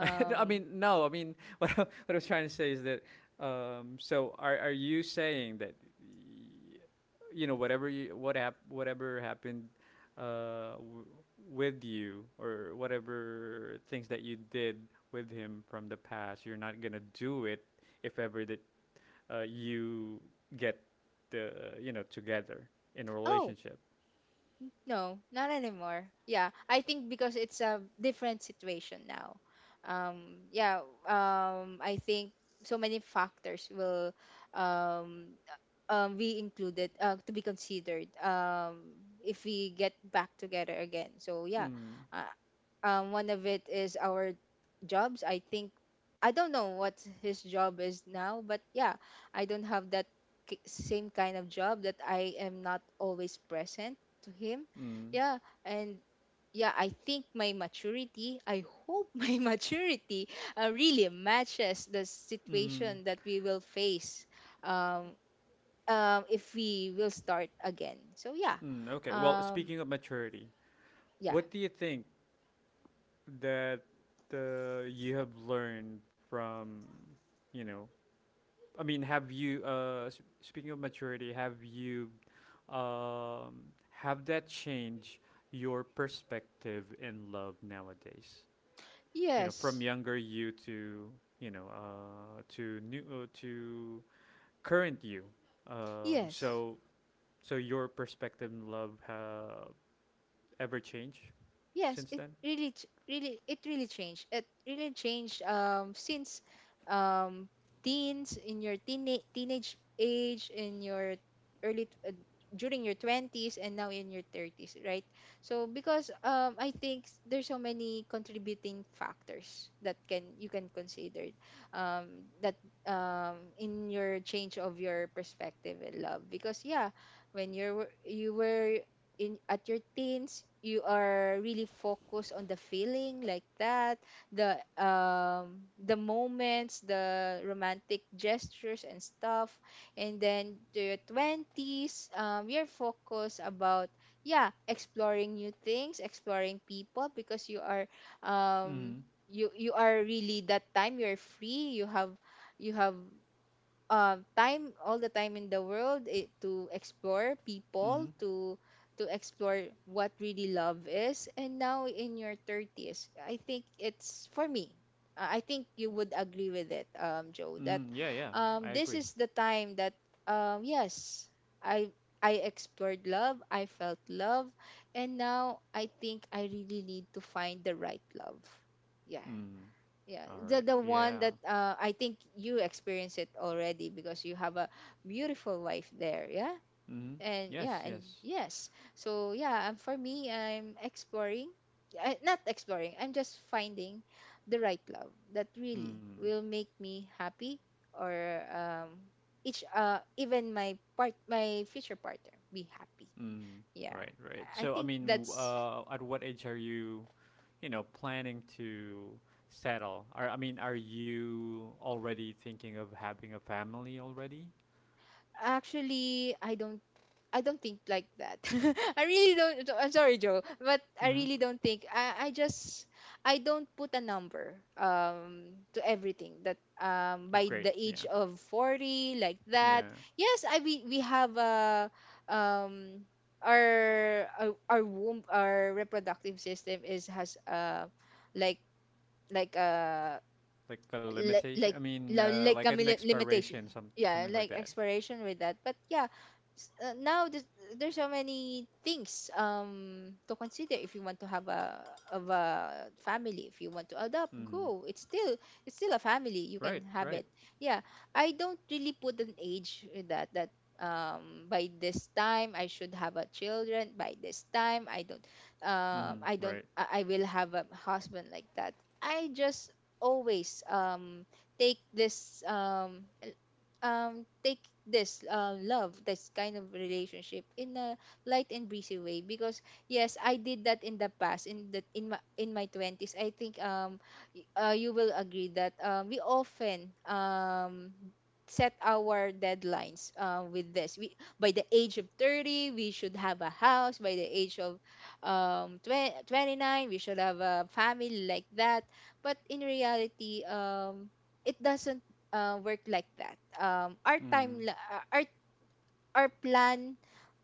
I mean, no. I mean, what I was trying to say is that. So, are you saying that you know whatever happened uh, w- with you or whatever things that you did with him from the past, you're not gonna do it if ever that you get the you know together in a
oh,
relationship.
no, not anymore. Yeah, I think because it's a different situation now. Yeah, I think so many factors will, um be included, to be considered, if we get back together again. So yeah,
Mm,
uh, one of it is our jobs. I think I don't know what his job is now, but yeah, I don't have that, same kind of job, that I am not always present to him.
mm,
Yeah, and yeah, I think my maturity, I hope, my maturity, really matches the
mm,
situation that we will face, um, if we will start again. So yeah,
mm. Okay. Well,
um,
speaking of maturity,
yeah,
what do you think that you have learned from, you know, I mean, have you, speaking of maturity, have you, um, have that change your perspective in love nowadays? You know, from
yes,
younger you to, you know, to current you. Um,
yes.
so, so your perspective in love ever changed
Yes,
since
it
then?
really, ch- really, it really changed. It really changed, since, um, teens, in your teenage age, in your early t- uh, during your twenties, and now in your thirties, right? So because, I think, there's so many contributing factors that can you can consider, that in your change of your perspective and love. Because yeah, when you were in at your teens, you are really focused on the feeling like that, the the moments, the romantic gestures and stuff. And then to your 20s, you're focused about, yeah, exploring new things, exploring people because you are um
Mm-hmm.
you are really, that time you're free, you have, you have time, all the time in the world it, to explore
Mm-hmm.
people, to explore what really love is. And now in your 30s, I think it's for me, I think you would agree with it, Joe, that
Mm-hmm. Yeah, yeah, I
this
agree.
is the time that, yes, i I explored love, I felt love, and now I think I really need to find the right love. Yeah,
Mm.
yeah,
All
the
right.
the
Yeah.
one that, I think you experience it already because you have a beautiful wife there, yeah.
Mm.
And
Yes,
yeah, and
yes.
yes, so yeah, for me I'm exploring, not exploring, I'm just finding the right love that really
Mm.
will make me happy. Or each even my part my future partner be happy.
Mm.
Yeah,
Right, right.
I
So, I
think
mean,
that's
at what age are you, you know, planning to settle? Are, I mean, are you already thinking of having a family already?
actually I don't, I don't think like that. I really don't. I'm sorry, Joe, but I
Mm-hmm.
really don't think. I just, I don't put a number to everything that, by
Great.
the
Yeah.
age of 40, like that.
Yeah.
Yes, I we have a um our womb, our reproductive system is has like like a,
Like a limitation. I
like
mean,
like
like an
kami, limitation.
expiration, some something
Yeah,
like
like
that.
expiration with that. But yeah, now there's so many things to consider. If you want to have a, of a family, if you want to adopt,
Mm-hmm.
go, it's still, it's still a family, you
Right,
can have
right.
it. Yeah, I don't really put an age with that, that by this time I should have a children, by this time I don't,
Mm-hmm.
I don't,
Right.
I will have a husband, like that. I just always take this take this, love, this kind of relationship in a light and breezy way. Because yes, I did that in the past, in the, in my, in my 20s. I think you will agree that, we often set our deadlines, with this. We by the age of 30 we should have a house, by the age of 2029 we should have a family, like that. But in reality, it doesn't, work like that. Our
Mm.
our plan,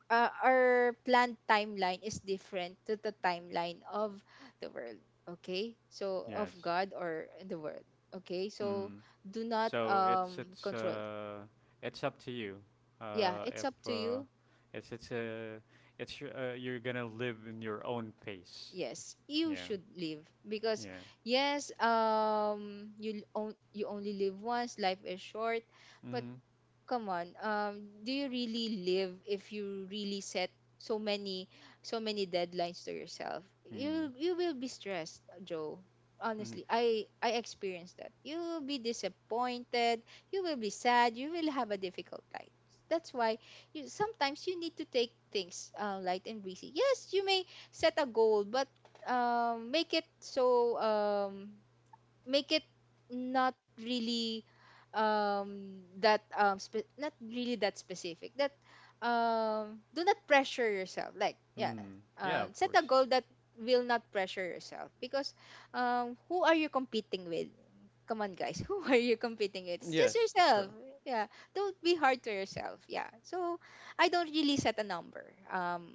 our planned timeline is different to the timeline of the world. Okay, so of
Yes.
god, or the world. Okay,
Mm.
so do not
So
control.
it's up to you.
Yeah, it's
If
up to you.
it's it's your- you're gonna live in your own pace.
Yes, you
Yeah.
should live. Because
Yeah.
yes, you you only live once, life is short. But
Mhm.
come on, do you really live if you really set so many, so many deadlines to yourself?
Mm.
You will be stressed, Joe.
Mhm.
Honestly, i experienced that. You will be disappointed, you will be sad, you will have a difficult life. That's why, you sometimes you need to take things, light and breezy. Yes, you may set a goal, but make it so, make it not really, that not really that specific. That do not pressure yourself, like, yeah.
Mm. Yeah. Of
Set a
course.
goal that will not pressure yourself. Because who are you competing with? Come on, guys. Who are you competing with? It's just
Yes. That's true.
yourself. Yeah, don't be hard to yourself. Yeah, so I don't really set a number, um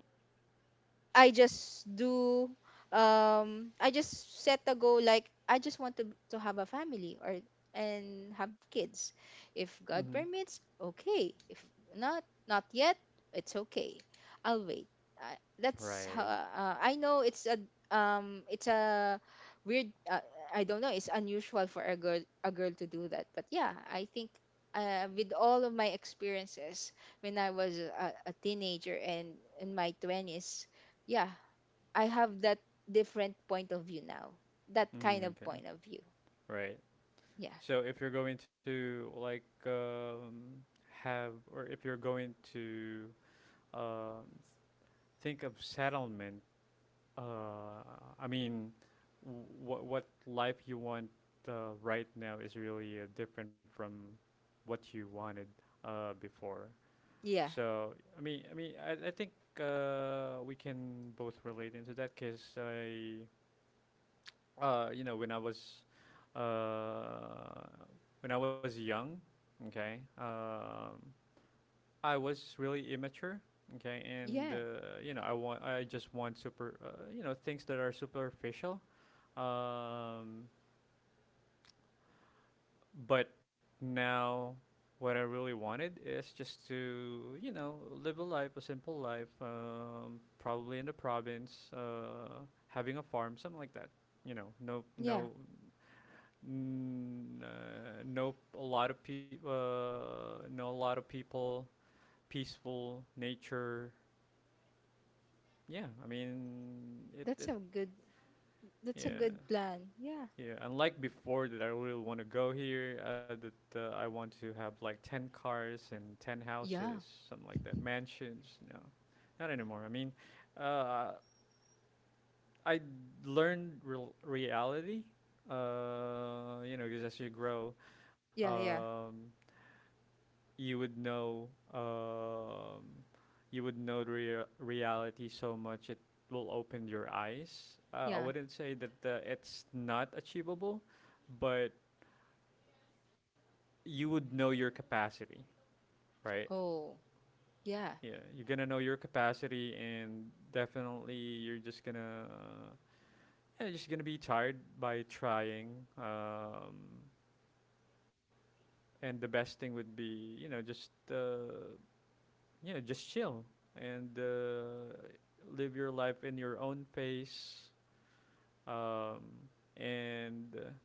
I just do, I just set a goal like I just want to have a family, or and have kids. If God
Mhm.
permits, okay. If not, not yet, it's okay. I'll wait. That's how,
Right.
I know it's a weird, I don't know, it's unusual for a girl to do that. But yeah, I think, with all of my experiences when I was a teenager, and in my 20s, yeah, I have that different point of view now. That kind
Mm,
of
okay.
point of view.
Right.
Yeah.
So if you're going to like have or if you're going to um think of settlement. Uh, I mean, what life you want right now is really different from what you wanted before.
Yeah.
So I mean, I mean, I think we can both relate into that because you know, uh, when I was young, okay, I was really immature, okay, and
Yeah.
you know, I just want super, you know, things that are superficial um, but now, what I really wanted is just to, you know, live a life, a simple life, probably in the province, having a farm, something like that. You know,
Yeah.
no, a lot of people, know a lot of people, peaceful nature. Yeah, I mean,
That's a good, that's a
yeah.
good plan. Yeah.
Yeah, unlike before that I really want to go here, that I want to have like 10 cars and 10
Yeah.
houses, something like that, mansions. No, not anymore. I mean, uh, I learned real reality, you know, because as you grow,
Yeah, yeah.
um, you would know, um, you would know the reality so much it will open your eyes. I
Yeah.
wouldn't say that it's not achievable, but you would know your capacity, right?
Oh. Yeah.
Yeah, you're gonna know your capacity, and definitely you're just gonna yeah, you're just gonna be tired by trying. And the best thing would be you know just chill and live your life in your own pace, um, and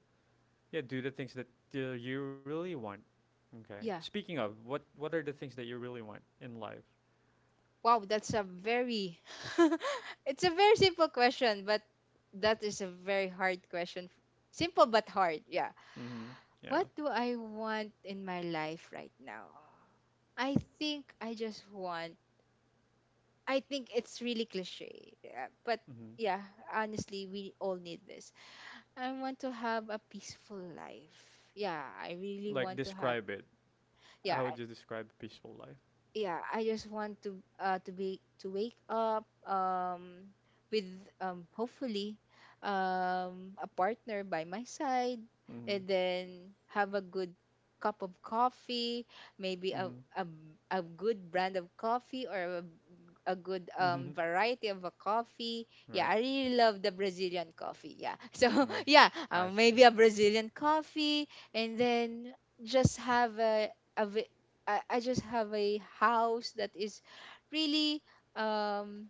yeah, do the things that you really want. Okay.
Yeah.
Speaking of what are the things that you really want in life?
Wow, that's a very, it's a very simple question, but that is a very hard question. Simple but hard. Yeah.
Mm-hmm. Yeah.
What do I want in my life right now? I think I just want, I think it's really cliche. Yeah, but
Mm-hmm.
yeah, honestly, we all need this. I want to have a peaceful life. Yeah, I really
Like
want to
describe
have.
it. How would
Yeah,
you describe peaceful life?
yeah, I just want to be, to wake up with, hopefully a partner by my side,
Mm-hmm.
and then have a good cup of coffee. Maybe
Mm-hmm.
a, a, a good brand of coffee, or a good
Mm-hmm.
variety of a coffee. Yeah,
Right.
I really love the Brazilian coffee, yeah. So
Mm.
yeah,
I see.
maybe a Brazilian coffee. And then just have a, I just have a house that is really um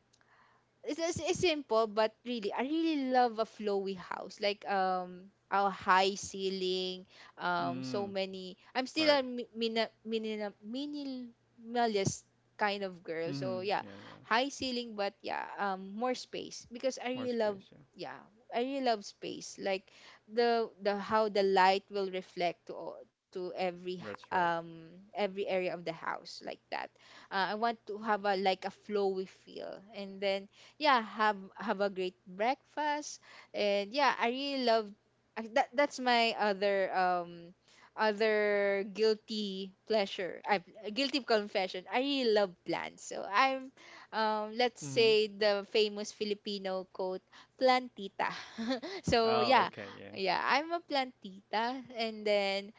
it's simple, but really, I really love a flowy house like our high ceiling. So
Mm.
many, I'm
Right.
still a minimalist kind of girl, so
Mm-hmm.
yeah.
Yeah, yeah.
High ceiling, but yeah more space, because I
More
really love,
space. Yeah.
yeah, I really love space. Like the how the light will reflect to all, to every
That's right.
every area of the house, like that. I want to have a, like a flowy feel, and then yeah, have a great breakfast. And yeah, I really love, that, that's my other other guilty pleasure, I guilty confession, I really love plants. So i'm, let's
Mm-hmm.
say, the famous Filipino quote, plantita. So
Oh,
yeah,
okay. Yeah.
yeah, I'm a plantita. And then,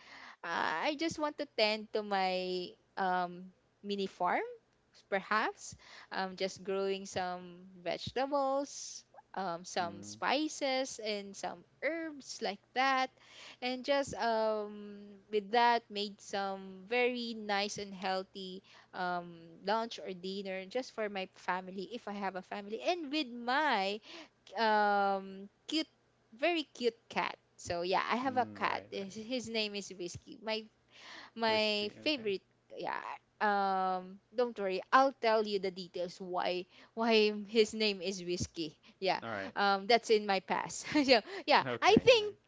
I just want to tend to my um, mini farm, perhaps. Just growing some vegetables, some
Mm.
spices, and some herbs, like that. And just with that, made some very nice and healthy, lunch or dinner just for my family, if I have a family. And with my cute, very cute cat. So yeah, I have a
Mm.
cat,
Right. Right.
his name is Whiskey, my
Whiskey.
my
Okay.
favorite. Yeah, don't worry, I'll tell you the details why his name is Whiskey. Yeah,
All right.
that's in my past. Yeah, yeah,
Okay. All right.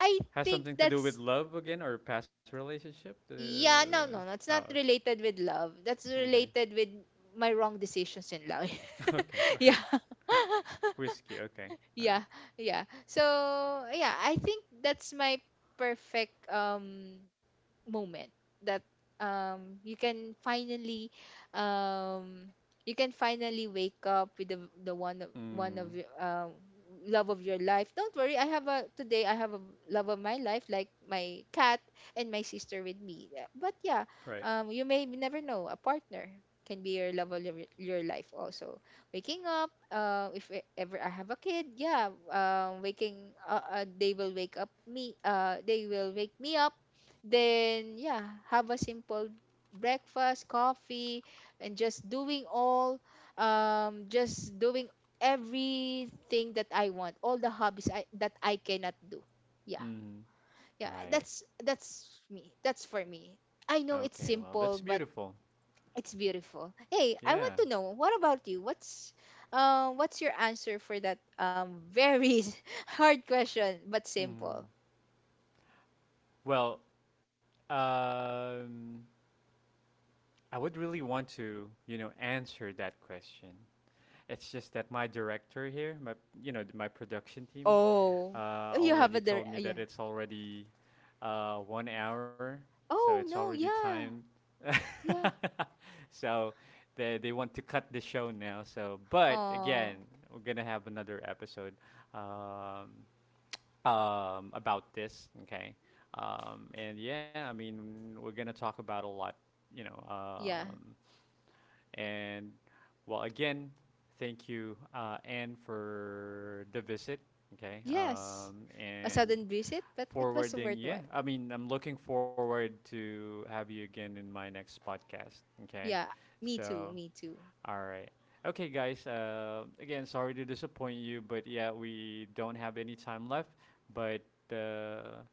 I
Has
think
something to do with
that's
love again or past relationship?
yeah no, no, no, it's
Oh.
not related with love. That's
Okay.
related with my wrong decisions in life.
Okay. All
Yeah.
right. Whiskey. Okay. All right.
Yeah, yeah, so yeah, I think that's my perfect moment, that you can finally, um you can finally wake up with the, one
Mm.
of your love of your life. Don't worry, I have a, today I have a love of my life, like my cat, and my sister with me. Yeah, but yeah,
Right.
you may never know, a partner can be your love of your life also. Waking up, if ever I have a kid, yeah, waking they will wake me up. Then yeah, have a simple breakfast, coffee, and just doing all, just doing everything that I want, all the hobbies that I cannot do. Yeah,
Mm-hmm.
yeah,
Right.
that's me, that's for me. I know
Okay,
it's
well, that's
simple, but
beautiful.
it's beautiful. Hey, I want
Yeah.
to know, what about you? What's what's your answer for that, very hard question but simple.
Hmm. Well, um, I would really want to, you know, answer that question. It's just that my director here, my, you know, my production team,
Oh, you have
already
a
told me that
yeah.
it's already, 1 hour, so it's
Oh
already
no,
time.
yeah, yeah.
So they want to cut the show now. So, but
Oh,
again, we're gonna have another episode. Um, about this. Okay, and yeah, I mean, we're gonna talk about a lot, you know.
yeah,
And well, again, thank you, Anne, for the visit. Okay,
yes. A
and
sudden visit, but it was
forwarding. Yeah,
worthwhile.
I mean, I'm looking forward to have you again in my next podcast. Okay,
Yeah, me too,
so
me too.
all right. Okay, guys. Again, sorry to disappoint you, but yeah, we don't have any time left. But uh,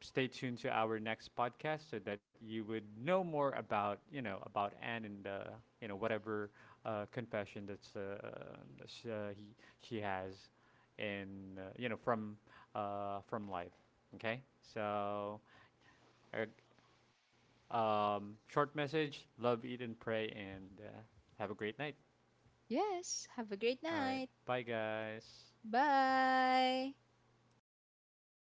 stay tuned to our next podcast so that you would know more about you know about Anne and you know whatever confession that's she has, in you know from life. Okay. So, uh, short message: love, eat, and pray, and have a great night.
Yes, have a great
All right.
night.
Bye, guys.
Bye.